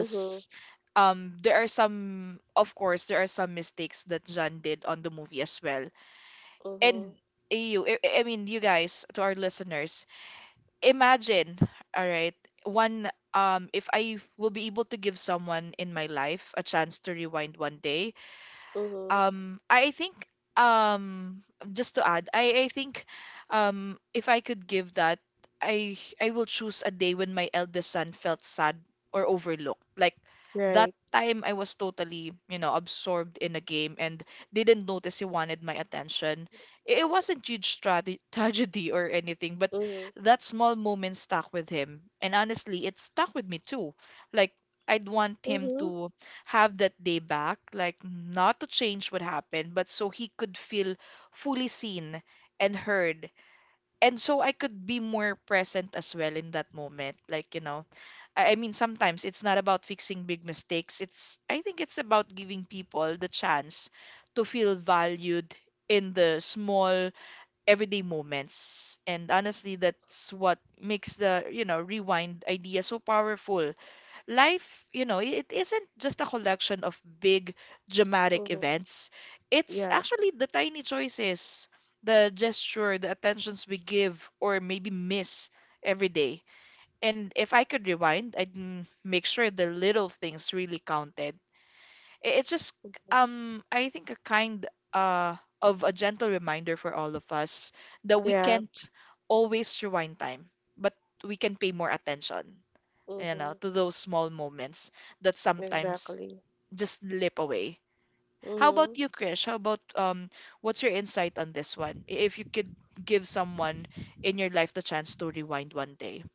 Speaker 2: Mm-hmm.
Speaker 1: there are some of course there are some mistakes that John did on the movie as well and
Speaker 2: Mm-hmm.
Speaker 1: you I mean you guys to our listeners imagine all right one if I will be able to give someone in my life a chance to rewind one day
Speaker 2: Mm-hmm.
Speaker 1: I think um just to add, I think if I could give that, I will choose a day when my eldest son felt sad or overlooked. Like that
Speaker 2: Right.
Speaker 1: time I was totally, you know, absorbed in a game and didn't notice he wanted my attention. It wasn't huge <laughs> tragedy or anything, but
Speaker 2: Mhm.
Speaker 1: that small moment stuck with him. And honestly, it stuck with me too. Like I'd want him
Speaker 2: Mhm.
Speaker 1: to have that day back, like not to change what happened, but so he could feel fully seen and heard. And so I could be more present as well in that moment. Like, you know, I mean, sometimes it's not about fixing big mistakes. It's, I think it's about giving people the chance to feel valued in the small everyday moments. And honestly, that's what makes the, you know, rewind idea so powerful life, you know, it isn't just a collection of big dramatic
Speaker 2: Mhm.
Speaker 1: events. It's
Speaker 2: Yeah.
Speaker 1: actually the tiny choices, the gesture, the attentions we give or maybe miss every day. And if I could rewind, make sure the little things really counted. It's just
Speaker 2: Mhm.
Speaker 1: I think a kind of a gentle reminder for all of us that we
Speaker 2: Yeah.
Speaker 1: can't always rewind time, but we can pay more attention, you know,
Speaker 2: Mhm.
Speaker 1: to those small moments that sometimes
Speaker 2: Exactly.
Speaker 1: just slip away. How about
Speaker 2: Mhm.
Speaker 1: you, Krish? How about what's your insight on this one? If you could give someone in your life the chance to rewind one day.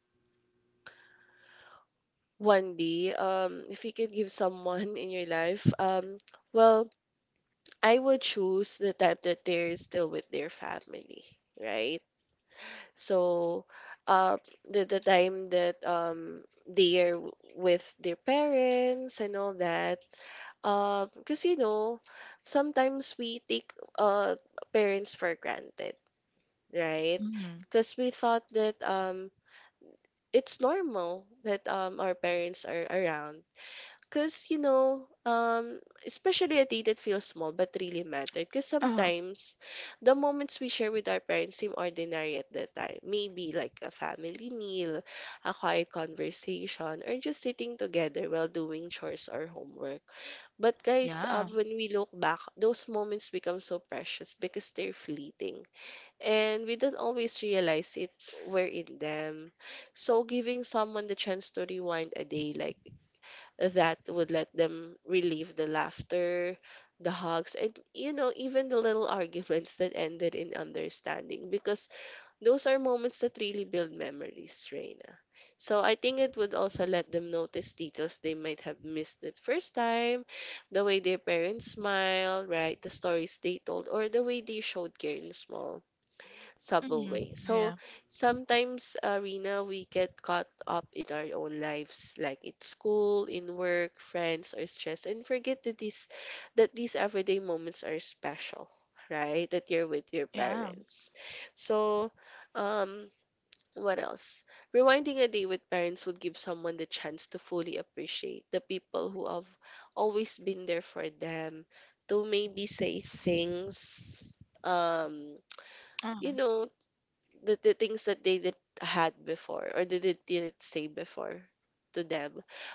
Speaker 2: Wendy, if you could give someone in your life, well, I would choose the type that they're still with their family, right? So, uh, the time that they are with their parents and all that, because sometimes we take uh parents for granted, right?
Speaker 1: Mm-hmm.
Speaker 2: Because we thought that it's normal that our parents are around. Because especially a day that feels small but really mattered. Because
Speaker 1: Oh.
Speaker 2: sometimes the moments we share with our parents seem ordinary at that time. Maybe like a family meal, a quiet conversation, or just sitting together while doing chores or homework. But guys,
Speaker 1: Yeah.
Speaker 2: when we look back, those moments become so precious because they're fleeting and we don't always realize it we're in them. So giving someone the chance to rewind a day like that would let them relieve the laughter, the hugs, and, even the little arguments that ended in understanding, because those are moments that really build memories, Reina. So I think it would also let them notice details they might have missed the first time, the way their parents smile, right, the stories they told, or the way they showed care in small subtle
Speaker 1: Mm-hmm.
Speaker 2: way. So
Speaker 1: Yeah.
Speaker 2: sometimes, Rina, we get caught up in our own lives, like in school, in work, friends, or stress, and forget that these everyday moments are special, right? That you're with your
Speaker 1: Yeah.
Speaker 2: parents. So, um, what else? Rewinding a day with parents would give someone the chance to fully appreciate the people who have always been there for them, to maybe say things, um
Speaker 1: Oh,
Speaker 2: you know, the things that they didn't had before or they didn't say before to them,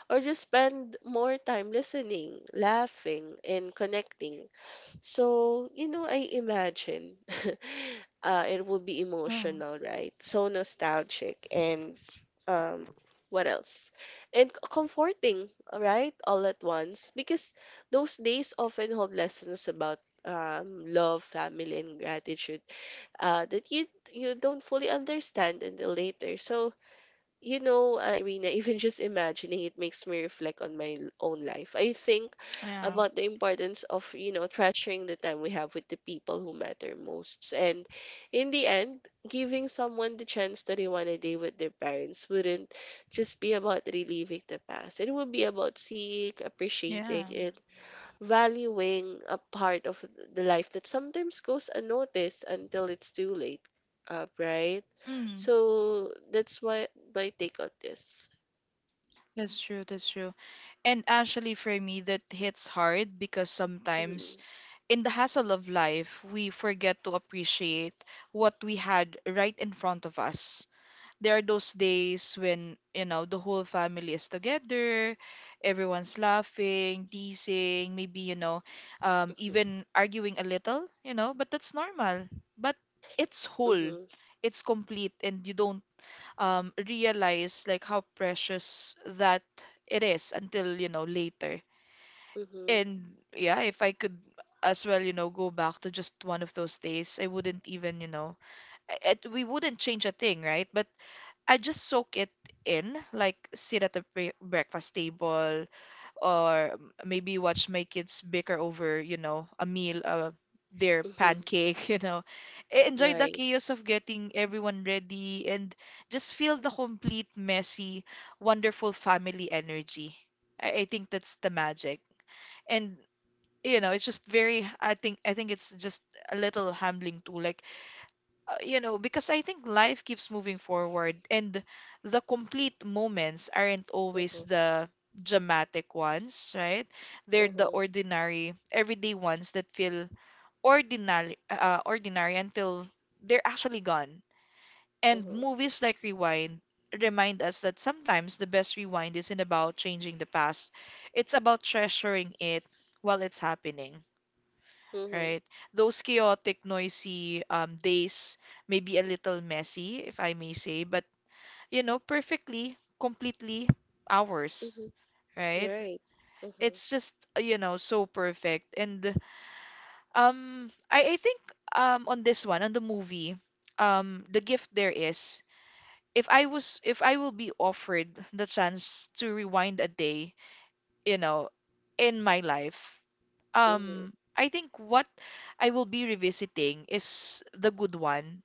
Speaker 2: or just spend more time listening, laughing, and connecting. So, I imagine <laughs> it will be
Speaker 1: oh,
Speaker 2: emotional, right, so nostalgic and, um what else, and c- comforting, right, all at once, because those days often hold lessons about, love, family, and gratitude that you don't fully understand until later. So, Irina, <laughs> even just imagining it makes me reflect on my l- own life. I think
Speaker 1: yeah,
Speaker 2: about the importance of, treasuring the time we have with the people who matter most, and in the end, giving someone the chance to rewind a day with their parents wouldn't just be about reliving the past. It would be about seeing, appreciating,
Speaker 1: yeah.
Speaker 2: and valuing a part of the life that sometimes goes unnoticed until it's too late, right?
Speaker 1: Mm,
Speaker 2: So that's why my take on this.
Speaker 1: that's true, that's true. And actually, for me, that hits hard because sometimes
Speaker 2: Mhm,
Speaker 1: in the hassle of life, we forget to appreciate what we had right in front of us. There are those days when, you know, the whole family is together, everyone's laughing, teasing, maybe, you know,
Speaker 2: mhm,
Speaker 1: even arguing a little, you know, but that's normal. But it's whole,
Speaker 2: mhm,
Speaker 1: it's complete, and you don't realize like how precious that it is until, you know, later.
Speaker 2: mhm,
Speaker 1: And yeah, if I could as well, you know, go back to just one of those days, I wouldn't even, you know, we wouldn't change a thing, right? But I just soak it in, like sit at the breakfast table, or maybe watch my kids bicker over, you know, a meal, their
Speaker 2: mhm,
Speaker 1: pancake, <laughs> you know. Enjoy the
Speaker 2: Right.
Speaker 1: chaos of getting everyone ready and just feel the complete, messy, wonderful family energy. I think that's the magic. And you know, it's just very I think it's just a little humbling too. Like you know, because I think life keeps moving forward and the complete moments aren't always
Speaker 2: Mhm,
Speaker 1: the dramatic ones, right? They're the
Speaker 2: mhm,
Speaker 1: ordinary, everyday ones that feel ordinary until they're actually gone. And
Speaker 2: mhm,
Speaker 1: movies like Rewind remind us that sometimes the best rewind isn't about changing the past. It's about treasuring it while it's happening,
Speaker 2: mhm,
Speaker 1: right? Those chaotic, noisy days may be a little messy, if I may say, but you know, perfectly, completely ours,
Speaker 2: mhm,
Speaker 1: right?
Speaker 2: Right. Mhm,
Speaker 1: It's just you know, so perfect, and I think on this one, on the movie, the gift there is. If I will be offered the chance to rewind a day, you know, in my life,
Speaker 2: mhm,
Speaker 1: I think what I will be revisiting is the good one,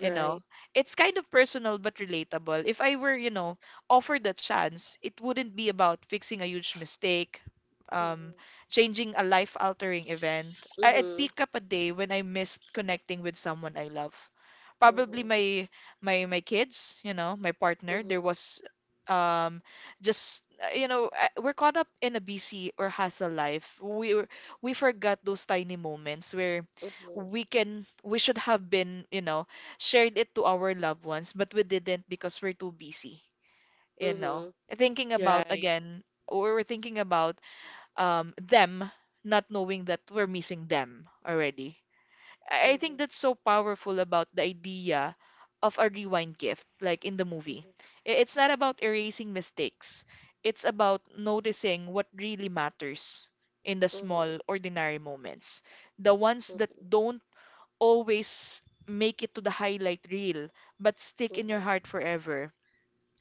Speaker 1: you
Speaker 2: Right.
Speaker 1: know, it's kind of personal but relatable. If I were, you know, offered a chance, it wouldn't be about fixing a huge mistake, um,
Speaker 2: Mhm,
Speaker 1: changing a life-altering event. I'd
Speaker 2: mhm,
Speaker 1: pick up a day when I missed connecting with someone I love. Probably
Speaker 2: mhm,
Speaker 1: my kids, you know, my partner. There
Speaker 2: mhm,
Speaker 1: was um just you know, we're caught up in a busy or hustle life. We forgot those tiny moments where
Speaker 2: mhm,
Speaker 1: we should have been, you know, shared it to our loved ones, but we didn't because we're too busy, you know.
Speaker 2: mhm,
Speaker 1: Thinking about
Speaker 2: Right.
Speaker 1: again, we were thinking about them, not knowing that we're missing them already. I think
Speaker 2: Mhm,
Speaker 1: that's so powerful about the idea of a rewind gift, like in the movie.
Speaker 2: mhm,
Speaker 1: It's not about erasing mistakes. It's about noticing what really matters in the
Speaker 2: mhm,
Speaker 1: small, ordinary moments. The ones that
Speaker 2: mhm,
Speaker 1: don't always make it to the highlight reel, but stick in your
Speaker 2: mhm,
Speaker 1: heart forever,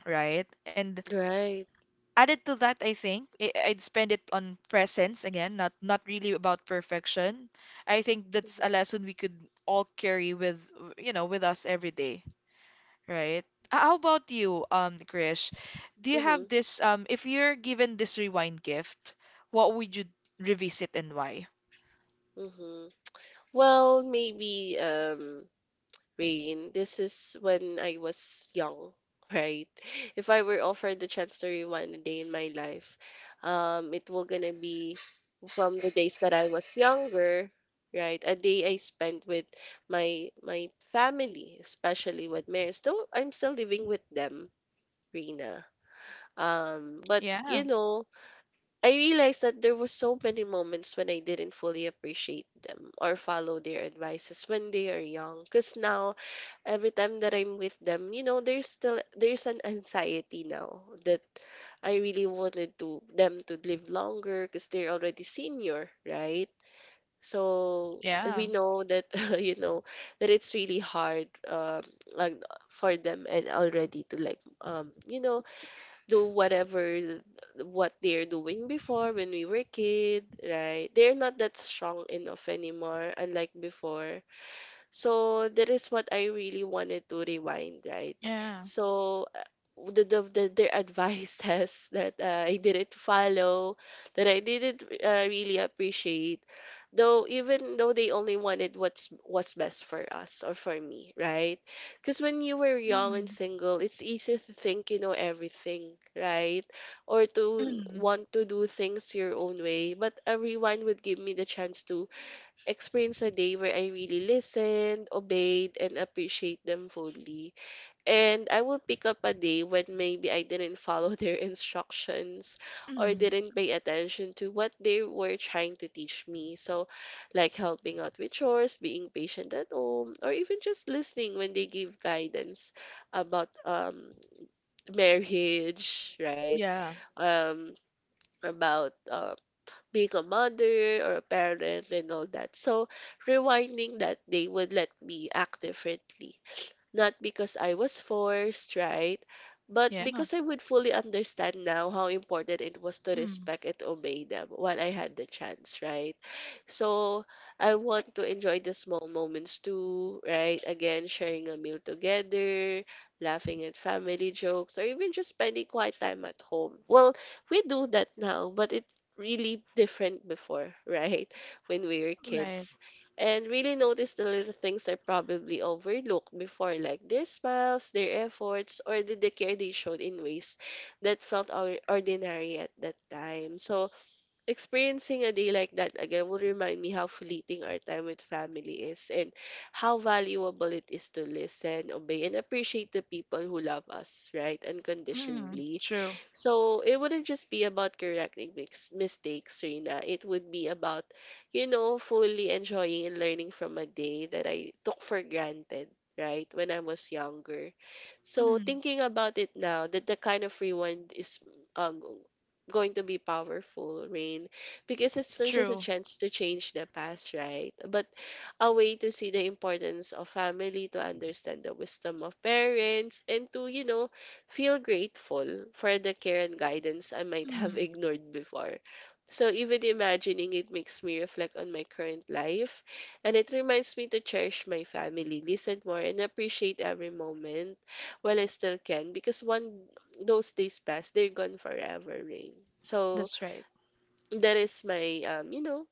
Speaker 1: right? And
Speaker 2: Right.
Speaker 1: added to that, I think I'd spend it on presence again, not not really about perfection. I think that's a
Speaker 2: Mhm,
Speaker 1: lesson we could all carry with, you know, with us every day, right? How about you, Krish? Do you have
Speaker 2: mhm.
Speaker 1: this, if you're given this rewind gift, what would you revisit and why?
Speaker 2: Mm-hmm. Well, maybe Rain, this is when I was young, right? <laughs> If I were offered the chance to rewind a day in my life, it will gonna be from the days that I was younger, right? A day I spent with my family, especially with Mary. Still, I'm still living with them, Rina. But
Speaker 1: Yeah,
Speaker 2: I realized that there was so many moments when I didn't fully appreciate them or follow their advices when they are young. Cause now every time that I'm with them, there's an anxiety now that I really wanted to them to live longer because they're already senior, right? So
Speaker 1: yeah.
Speaker 2: we know that <laughs> you know that it's really hard like for them and already to like do whatever what they're doing before when we were kid, right? They're not that strong enough anymore, unlike before. So that is what I really wanted to rewind, right?
Speaker 1: Yeah.
Speaker 2: So their advice <laughs> says that I didn't follow, that I didn't really appreciate, though even though they only wanted what's best for us or for me, right? Because when you were young and
Speaker 1: Mm.
Speaker 2: single, it's easy to think you know everything, right? Or to
Speaker 1: Mm.
Speaker 2: want to do things your own way. But a rewind would give me the chance to experience a day where I really listened, obeyed, and appreciate them fully. And I will pick up a day when maybe I didn't follow <laughs> their instructions or
Speaker 1: Mm.
Speaker 2: didn't pay attention to what they were trying to teach me. So, like helping out with chores, being patient at home, or even just listening when they give guidance about, <laughs> marriage, right?
Speaker 1: Yeah.
Speaker 2: Um about being a mother or a parent and all that. So rewinding that day would let me act differently, not because I was forced, right? But
Speaker 1: Yeah.
Speaker 2: because I would fully understand now how important it was to
Speaker 1: Mm.
Speaker 2: respect and obey them while I had the chance, right? So I want to enjoy the small moments too, right? Again, sharing a meal together, laughing at family jokes, or even just spending quiet time at home. Well, we do that now, but it's really different before, <laughs> right? When we were
Speaker 1: Right.
Speaker 2: kids and really notice the little things I probably overlooked before, like their smiles, their efforts, or the care they showed in ways that felt ordinary at that time. So, experiencing a day like that again will remind me how fleeting our time with family is and how valuable it is to listen, obey, and appreciate the people who love us, right,
Speaker 1: Mm.
Speaker 2: unconditionally.
Speaker 1: True.
Speaker 2: So it wouldn't just be about correcting mistakes, Rina. It would be about, fully enjoying and learning from a day that I took for granted, right, when I was younger. So
Speaker 1: Mm.
Speaker 2: thinking about it now, that the kind of rewind is um, going to be powerful, Rain, because it's not just a
Speaker 1: True.
Speaker 2: chance to change the past, right? But a way to see the importance of family, to understand the wisdom of parents, and to, feel grateful for the care and guidance I might have <laughs>
Speaker 1: Mm.
Speaker 2: ignored before. So even imagining it makes me reflect on my current life and it reminds me to cherish my family, listen more and appreciate every moment while I still can because one those days pass; they're gone forever, Rain. So
Speaker 1: That's right.
Speaker 2: that is my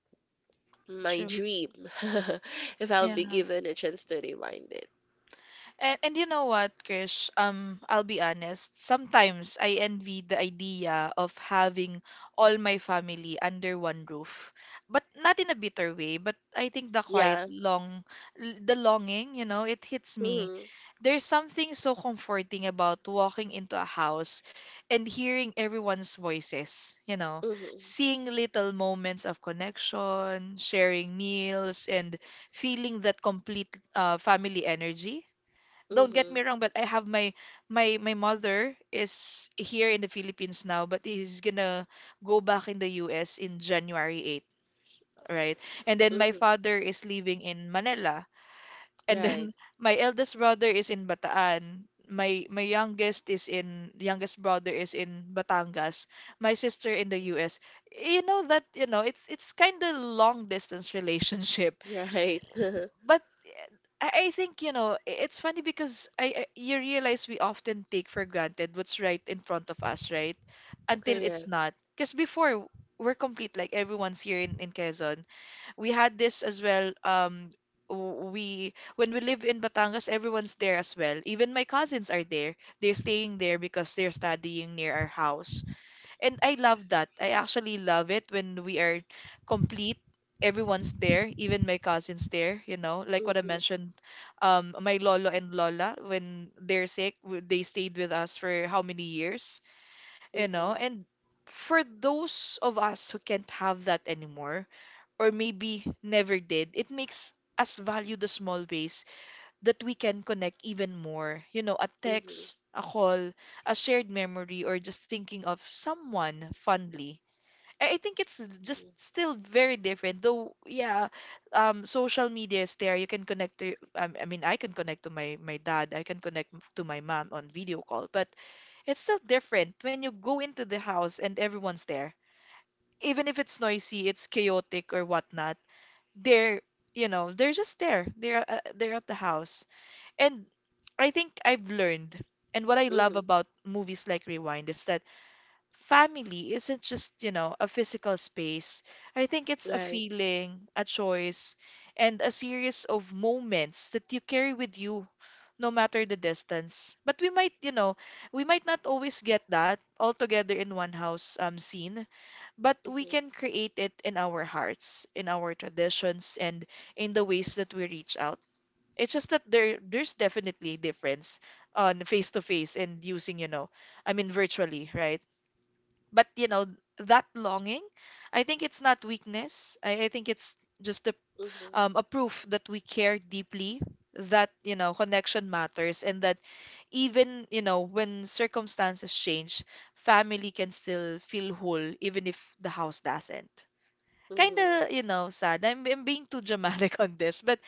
Speaker 2: my
Speaker 1: True.
Speaker 2: dream. <laughs> If I'll be
Speaker 1: Yeah.
Speaker 2: given a chance to rewind it.
Speaker 1: And you know what, Krish? I'll be honest. Sometimes I envy the idea of having all my family under one roof, but not in a bitter way. But I think the quiet,
Speaker 2: Yeah.
Speaker 1: long, the longing, you know, it hits me.
Speaker 2: Mm-hmm.
Speaker 1: There's something so comforting about walking into a house and hearing everyone's voices, you know,
Speaker 2: Mm-hmm.
Speaker 1: seeing little moments of connection, sharing meals, and feeling that complete family energy. Don't get
Speaker 2: Mm-hmm.
Speaker 1: me wrong, but I have my mother is here in the Philippines now, but he's gonna go back in the US in January 8, right? And then my
Speaker 2: Mm-hmm.
Speaker 1: father is living in Manila, and
Speaker 2: Right.
Speaker 1: then <laughs> my eldest brother is in Bataan. My youngest is in youngest brother is in Batangas. My sister in the US. You know that, you know, it's kind of long distance <laughs> relationship,
Speaker 2: Right. <laughs>
Speaker 1: but eh, I think, you know, it's funny because I you realize we often take for granted what's right in front of us, right? Until it's
Speaker 2: Correct.
Speaker 1: not. Because before we're complete, like everyone's here in Quezon. We had this as well. We when we live in Batangas, everyone's there as well. Even my cousins are there. They're staying there because they're studying near our house. And I love that. I actually love it when we are complete. Everyone's there, even my cousins there, you know. Like what I
Speaker 2: Mm-hmm.
Speaker 1: mentioned, my lolo and lola, when they're sick, they stayed with us for how many years, you know.
Speaker 2: Mm-hmm.
Speaker 1: And for those of us who can't have that anymore, or maybe never did, it makes us value the small ways that we can connect even more. You know, a
Speaker 2: Mm-hmm.
Speaker 1: text, a call, a shared memory, or just thinking of someone fondly. I think it's just still very different, though. Yeah, social media is there. You can connect to. I mean, I can connect to my my dad. I can connect to my mom on video call. But it's still different when you go into the house and everyone's there. Even if it's noisy, it's chaotic or whatnot. They're, you know, they're just there. They're at the house. And I think I've learned, and what I love
Speaker 2: Mm-hmm.
Speaker 1: about movies like Rewind is that family isn't just, you know, a physical space. I think it's a
Speaker 2: Right.
Speaker 1: feeling, a choice, and a series of moments that you carry with you no matter the distance. But we might, you know, we might not always get that all together in one house scene, but we
Speaker 2: Mm-hmm.
Speaker 1: can create it in our hearts, in our traditions, and in the
Speaker 2: Mm-hmm.
Speaker 1: ways that we reach out. It's just that there's definitely a difference on face to face and using, you know, I mean virtually, right? But you know, that longing, I think it's not weakness. I think it's just a proof that we care deeply, that, you know, connection matters and that even, you know, when circumstances change, family can still feel whole even if the house doesn't. Kinda,
Speaker 2: Mm-hmm.
Speaker 1: you know, sad. I'm being too dramatic <laughs> on this, but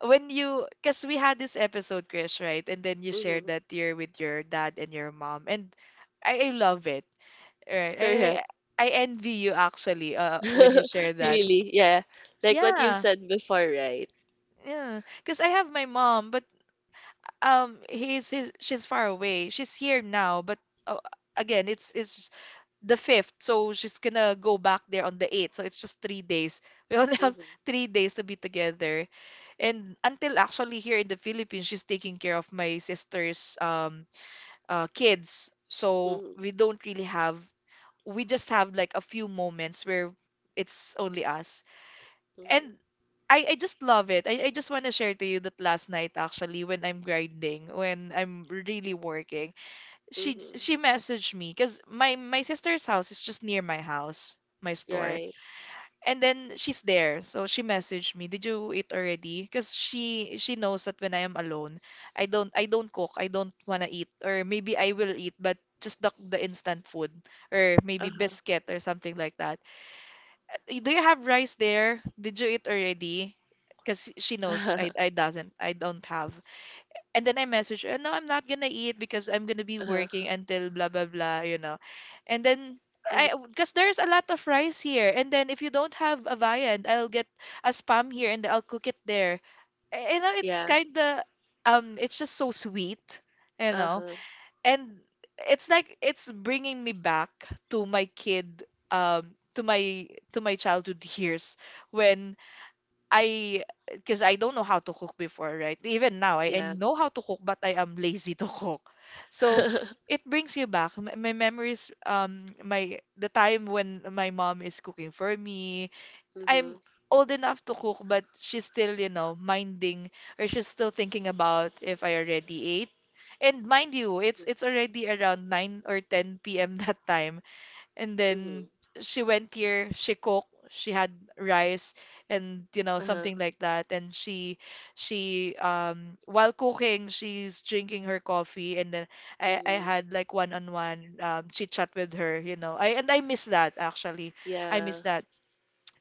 Speaker 1: when you, because we had this episode, Chris, right, and then you
Speaker 2: Mm-hmm.
Speaker 1: shared
Speaker 2: Mm-hmm.
Speaker 1: that you're with your dad and your mom, and I love it, right. I
Speaker 2: Correct.
Speaker 1: I envy you actually when you share
Speaker 2: <laughs>
Speaker 1: that.
Speaker 2: Really, yeah. Like what you've
Speaker 1: Yeah,
Speaker 2: said before, right?
Speaker 1: yeah, because I have my mom, but he's she's far away, she's here now, but uh, again, it's the fifth, so she's gonna go back there on the eighth, so it's just 3 days <laughs> we only have
Speaker 2: Mm-hmm.
Speaker 1: 3 days to be together. And until actually here in the Philippines, she's taking care of my sister's kids. So
Speaker 2: Mm-hmm.
Speaker 1: we don't really have, we just have like a few moments where it's only us.
Speaker 2: Mm-hmm.
Speaker 1: And I just love it. I just want to share to you that last night actually when I'm grinding, when I'm really working, she
Speaker 2: Mm-hmm.
Speaker 1: she messaged me because my sister's house is just near my house, my store.
Speaker 2: Right.
Speaker 1: And then she's there. So she messaged me, "Did you eat already?" Because she knows that when I am alone, I don't cook. I don't wanna eat. Or maybe I will eat, but just the instant food or maybe
Speaker 2: Uh-huh.
Speaker 1: biscuit or something like that. Do you have rice there? Did you eat already?" Because she knows
Speaker 2: <laughs>
Speaker 1: I don't have. And then I message her, no, I'm not gonna eat because I'm gonna be
Speaker 2: Uh-huh.
Speaker 1: working until blah blah blah, you know. And then because there's a lot of rice here, and then if you don't have a viand, I'll get a spam here and I'll cook it there. Eh, you know, it's
Speaker 2: Yeah.
Speaker 1: kind of, it's just so sweet, you know.
Speaker 2: Uh-huh.
Speaker 1: And it's like it's bringing me back to my kid, to my childhood years when I because I don't know how to cook before, right? Even now, I
Speaker 2: Yeah.
Speaker 1: know how to cook, but I am lazy to cook. So
Speaker 2: <laughs>
Speaker 1: it brings you back. My memories, my the time when my mom is cooking for me.
Speaker 2: Mm-hmm.
Speaker 1: I'm old enough to cook, but she's still, you know, minding or she's still thinking about if I already ate. And mind you, it's already around 9 or 10 p.m. <laughs> that time. And then
Speaker 2: Mm-hmm.
Speaker 1: she went here, she cooked, she had rice and you know
Speaker 2: Uh-huh.
Speaker 1: something like that. And she, while cooking, she's drinking her coffee and then I
Speaker 2: Mm-hmm.
Speaker 1: had like one-on-one chit chat with her, you know. I and I miss that actually. I miss
Speaker 2: Yeah.
Speaker 1: that.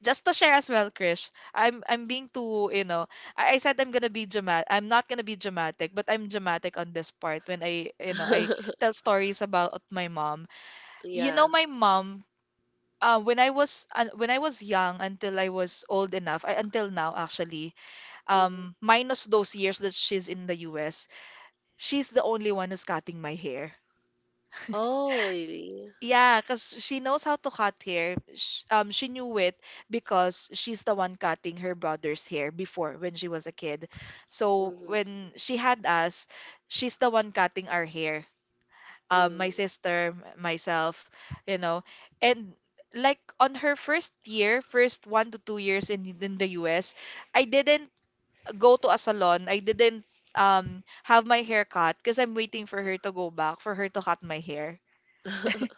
Speaker 1: Just to share as well, Krish, I'm being too, you know, I said I'm gonna be dramatic. I'm not gonna be dramatic, but I'm dramatic on this part when I, you know, I
Speaker 2: <laughs>
Speaker 1: tell stories about my mom. You know,
Speaker 2: Yeah.
Speaker 1: my mom when I was young until I was old enough, I, until now actually,
Speaker 2: Mm-hmm.
Speaker 1: minus those years that she's in the US, she's the only one who's cutting my hair.
Speaker 2: Oh, really?
Speaker 1: Yeah, because she knows how to cut hair. Sh She knew it because she's the one cutting her brother's hair before when she was a kid. So
Speaker 2: Mm-hmm.
Speaker 1: when she had us, she's the one cutting our hair. My
Speaker 2: Mm.
Speaker 1: sister, myself, you know. And like on her first year, first 1 to 2 years in the US, I didn't go to a salon. I didn't have my hair cut because I'm waiting for her to go back, for her to cut my hair.
Speaker 2: <laughs>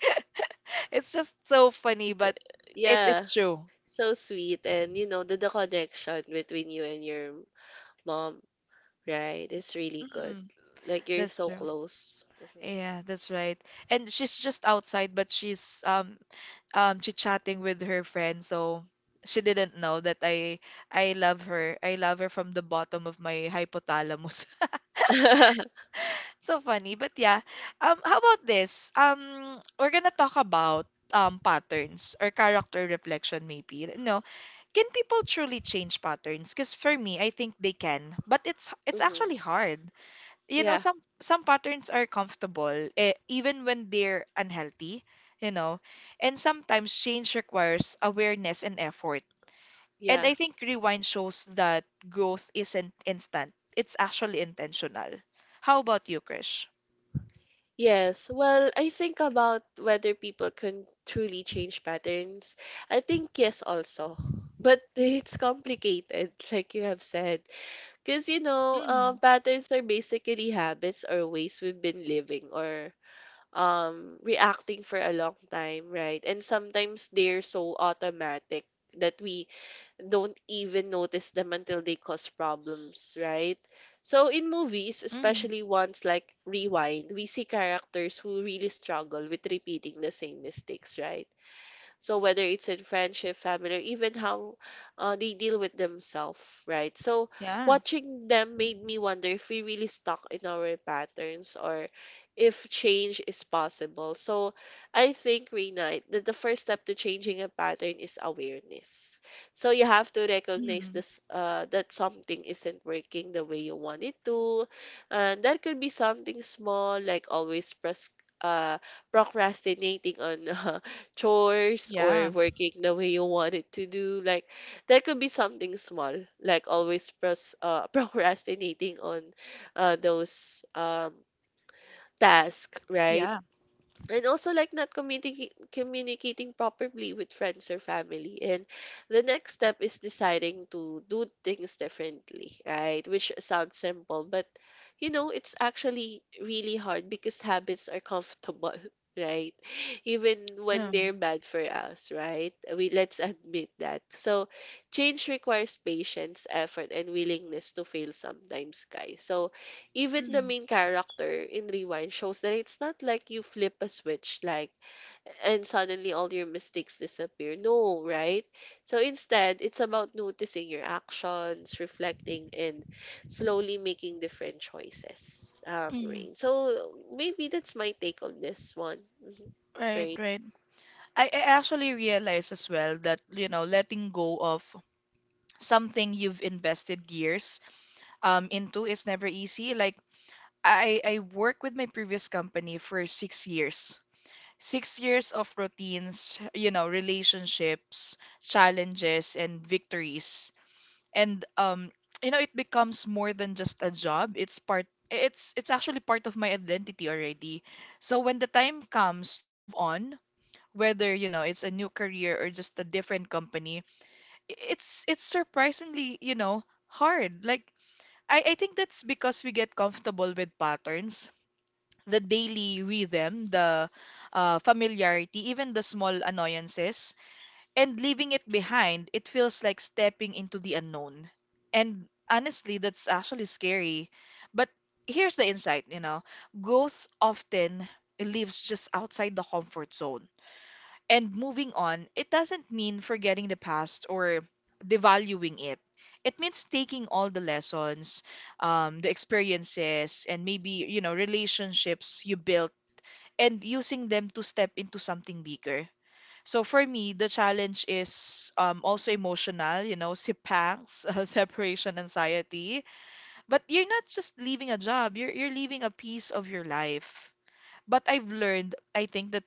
Speaker 1: <laughs> It's just so funny, but it's
Speaker 2: Yeah.
Speaker 1: it's true.
Speaker 2: So sweet. And you know, the connection between you and your mom, right? It's really good.
Speaker 1: Mm,
Speaker 2: Like you're
Speaker 1: that's
Speaker 2: so
Speaker 1: true.
Speaker 2: close. Mm-hmm.
Speaker 1: Yeah, that's right. And she's just outside, but she's chit-chatting with her friend so she didn't know that I love her. I love her from the bottom of my hypothalamus.
Speaker 2: <laughs>
Speaker 1: <laughs> So funny. But yeah, how about this? We're gonna talk about patterns or character reflection maybe. No, can people truly change patterns? Because for me, I think they can, but it's
Speaker 2: Mm-hmm.
Speaker 1: actually hard, you know.
Speaker 2: Yeah.
Speaker 1: Some patterns are comfortable, eh, even when they're unhealthy, you know, and sometimes change requires awareness and effort, and
Speaker 2: Yeah.
Speaker 1: I think Rewind shows that growth isn't instant, it's actually intentional. How about you, Krish?
Speaker 2: Yes, well, I think about whether people can truly change patterns. I think yes also. <laughs> But it's complicated, like you have said. Because, you know,
Speaker 1: Mm,
Speaker 2: patterns are basically habits or ways we've been living or reacting for a long time, right? And sometimes they're so automatic that we don't even notice them until they cause problems, right? So in movies,
Speaker 1: mm,
Speaker 2: especially ones like Rewind, we see characters who really struggle with repeating the same mistakes, right? So whether it's in friendship, family, or even how they deal with themselves, right? So
Speaker 1: yeah.
Speaker 2: watching them made me wonder if we really stuck in our patterns or if change is possible. So I think, Reina, that the first step to changing a pattern is awareness. So you have to recognize
Speaker 1: Mm,
Speaker 2: this that something isn't working the way you want it to. And that could be something small like always uh, procrastinating on <laughs> chores or
Speaker 1: yeah.
Speaker 2: working the way you want it to do. Like that could be something small, like always <laughs> procrastinating on those tasks, right?
Speaker 1: Yeah.
Speaker 2: And also like not communicating properly with friends or family. And the next step is deciding to do things differently, right? Which sounds simple, but you know, it's actually really hard because habits are comfortable, <laughs> right? Even when
Speaker 1: Um,
Speaker 2: they're bad for us, right? We let's admit that. So change requires patience, effort, and willingness to fail sometimes, guys. So even the
Speaker 1: mm,
Speaker 2: main character in Rewind shows that it's not like you flip a switch, like, and suddenly all your mistakes disappear. No, right? So instead, it's about noticing your actions, reflecting, and slowly making different choices.
Speaker 1: mm.
Speaker 2: Rain. So maybe that's my take on this one. Mhm.
Speaker 1: Right,
Speaker 2: Rain.
Speaker 1: right. I actually realized as well that, you know, letting go of something you've invested years into is never easy. Like I work with my previous company for 6 years. 6 years of routines, you know, relationships, challenges, and victories. And you know, it becomes more than just a job. It's actually part of my identity already. So when the time comes to move on, whether, you know, it's a new career or just a different company, it's surprisingly, you know, hard. Like I think that's because we get comfortable with patterns, the daily rhythm, the familiarity, even the small annoyances, and leaving it behind, it feels like stepping into the unknown. And honestly, that's actually scary. But here's the insight, you know, growth often lives just outside the comfort zone, and moving on, it doesn't mean forgetting the past or devaluing it. It means taking all the lessons, the experiences, and maybe, you know, relationships you built and using them to step into something bigger. So for me, the challenge is, also emotional, you know, sipangs, <laughs> separation anxiety. But you're not just leaving a job, you're leaving a piece of your life. But I've learned, I think, that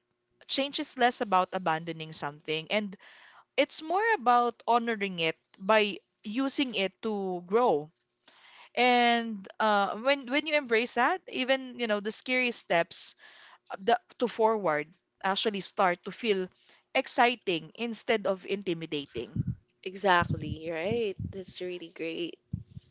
Speaker 1: change is less about abandoning something and it's more about honoring it by using it to grow. And when you embrace that, even you know the scary steps, to forward, actually start to feel exciting instead of intimidating.
Speaker 2: Exactly, right? That's really great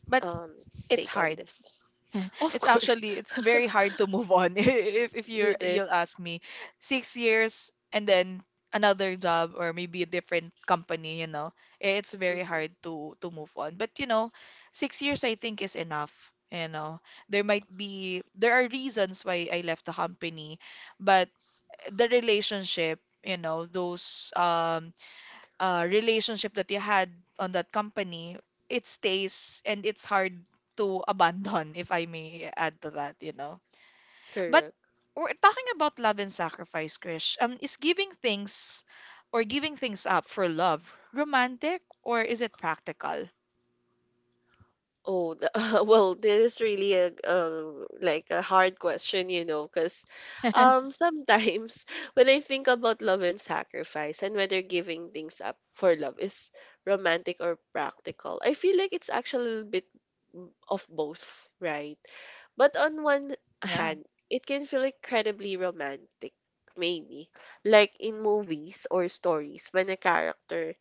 Speaker 1: But
Speaker 2: um
Speaker 1: it's
Speaker 2: take on
Speaker 1: hard.
Speaker 2: this.
Speaker 1: <laughs>
Speaker 2: Of
Speaker 1: It's
Speaker 2: course.
Speaker 1: actually it's very
Speaker 2: <laughs>
Speaker 1: hard to move on. <laughs> If
Speaker 2: It
Speaker 1: you'll
Speaker 2: is.
Speaker 1: ask me. 6 years and then another job or maybe a different company, you know. It's very
Speaker 2: Mhm.
Speaker 1: hard to move on. But you know, 6 years I think is enough. You know, there might be there are reasons why I left the company, but the relationship, you know, those relationship that you had on that company, it stays and it's hard to abandon, if I may add to that, you know. But
Speaker 2: Correct.
Speaker 1: we're talking about love and sacrifice, Krish. Is giving things or giving things up for love romantic or is it practical?
Speaker 2: Oh, the, <laughs> well, there is really a, like a hard question, you know, because
Speaker 1: <laughs>
Speaker 2: sometimes <laughs> when I think about love and sacrifice and whether giving things up for love is romantic or practical, I feel like it's actually a little bit of both, right? But on one
Speaker 1: Yeah.
Speaker 2: hand, it can feel incredibly romantic, maybe, like in movies or stories when a character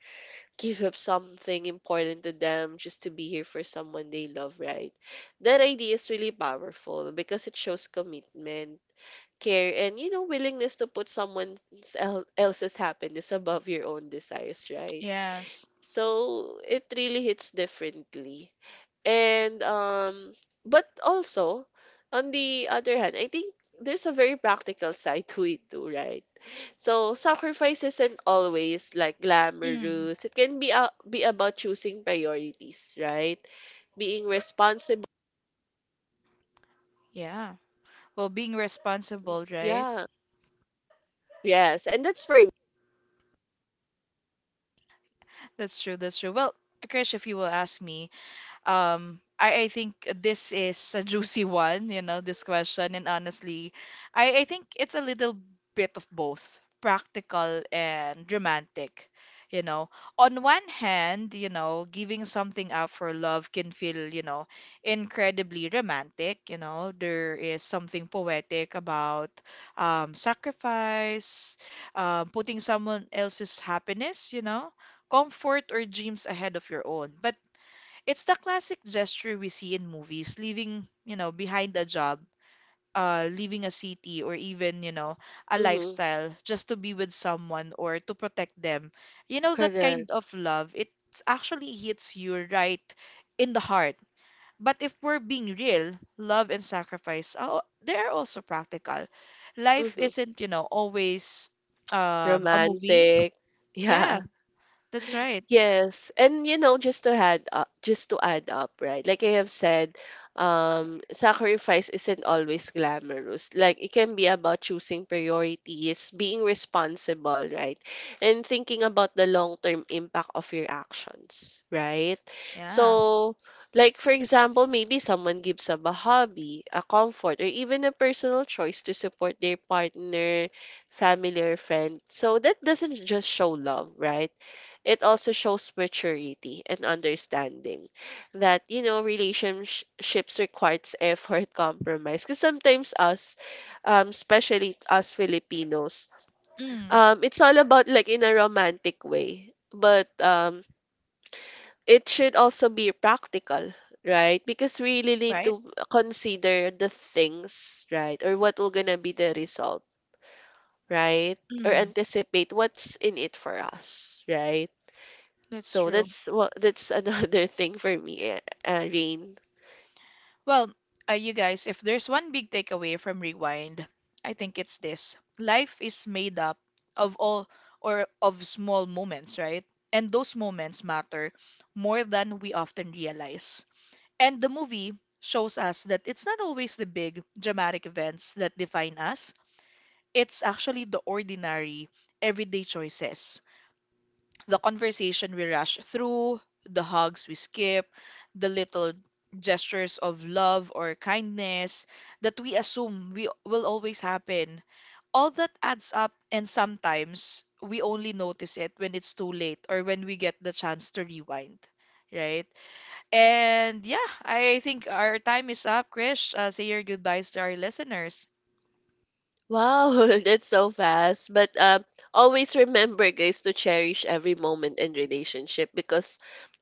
Speaker 2: give up something important to them just to be here for someone they love, right? That idea is really powerful because it shows commitment, care, and you know, willingness to put someone else's happiness above your own desires, right?
Speaker 1: Yes.
Speaker 2: So it really hits differently. And but also on the other hand, I think there's a very practical side to it too, right? So sacrifice isn't always like
Speaker 1: Mm.
Speaker 2: glamorous. It can be be about choosing priorities, right? Being responsible.
Speaker 1: Yeah. Well, being responsible, right?
Speaker 2: Yeah. Yes, and that's for me.
Speaker 1: That's true. That's true. Well, Krish, if you will ask me, I think this is a juicy <laughs> one, you know, this question. And honestly, I think it's a little bit of both, practical and romantic. You know, on one hand, you know, giving something up for love can feel, you know, incredibly romantic. You know, there is something poetic about, sacrifice, putting someone else's happiness, you know, comfort or dreams ahead of your own. But it's the classic gesture we see in movies, leaving, you know, behind a job, leaving a city or even, you know, a
Speaker 2: Mm-hmm.
Speaker 1: lifestyle just to be with someone or to protect them. You know, that
Speaker 2: Correct.
Speaker 1: kind of love, it actually hits you right in the heart. But if we're being real, love and sacrifice, oh, they are also practical. Life
Speaker 2: Hmm.
Speaker 1: isn't, you know, always a movie.
Speaker 2: Romantic. <laughs>
Speaker 1: Yeah,
Speaker 2: Yeah.
Speaker 1: that's right.
Speaker 2: Yes, and you know, just to add up, just to add up, right? Like I have said, sacrifice isn't always glamorous. Like it can be about choosing priorities, being responsible, right? And thinking about the long-term impact of your actions, right?
Speaker 1: Yeah.
Speaker 2: So, like for example, maybe someone gives up a hobby, a comfort, or even a personal choice to support their partner, family, or friend. So that doesn't just show love, right? It also shows maturity and understanding that you know relationships requires effort compromise because sometimes us especially us filipinos,
Speaker 1: Mm,
Speaker 2: it's all about like in a romantic way but it should also be practical right because we really need
Speaker 1: right.
Speaker 2: to consider the things right or what will gonna be the result right or
Speaker 1: Mm,
Speaker 2: anticipate what's in it for us, right?
Speaker 1: that's
Speaker 2: So
Speaker 1: true.
Speaker 2: that's what that's another <laughs> thing for me, Rain.
Speaker 1: Well, you guys, if there's one big takeaway from Rewind, I think it's this. Life is made up of all or of small moments, right? And those moments matter more than we often realize. And the movie shows us that it's not always the big, dramatic events that define us, it's actually the ordinary, everyday choices, the conversation we rush through, the hugs we skip, the little gestures of love or kindness that we assume we will always happen. All that adds up and sometimes we only notice it when it's too late or when we get the chance to rewind, right? And yeah, I think our time is up, Krish. Say your goodbyes to our listeners.
Speaker 2: Wow, <laughs> that's so fast. But always remember, guys, to cherish every moment in relationship because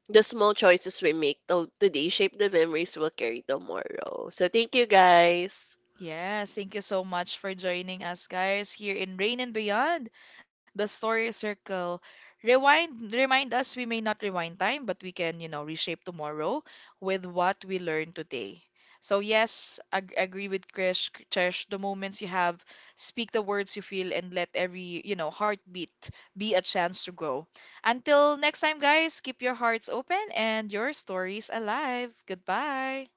Speaker 2: the small choices we make today shape the memories we'll carry tomorrow. So thank you, guys.
Speaker 1: Yes, thank you so much for joining us, guys, here in Rain and Beyond, the story circle. Rewind, remind us we may not rewind time, but we can, you know, reshape tomorrow with what we learn today. So, yes, agree with Krish. Cherish the moments you have, speak the words you feel, and let every, you know, heartbeat be a chance to grow. Until next time, guys, keep your hearts open and your stories alive. Goodbye.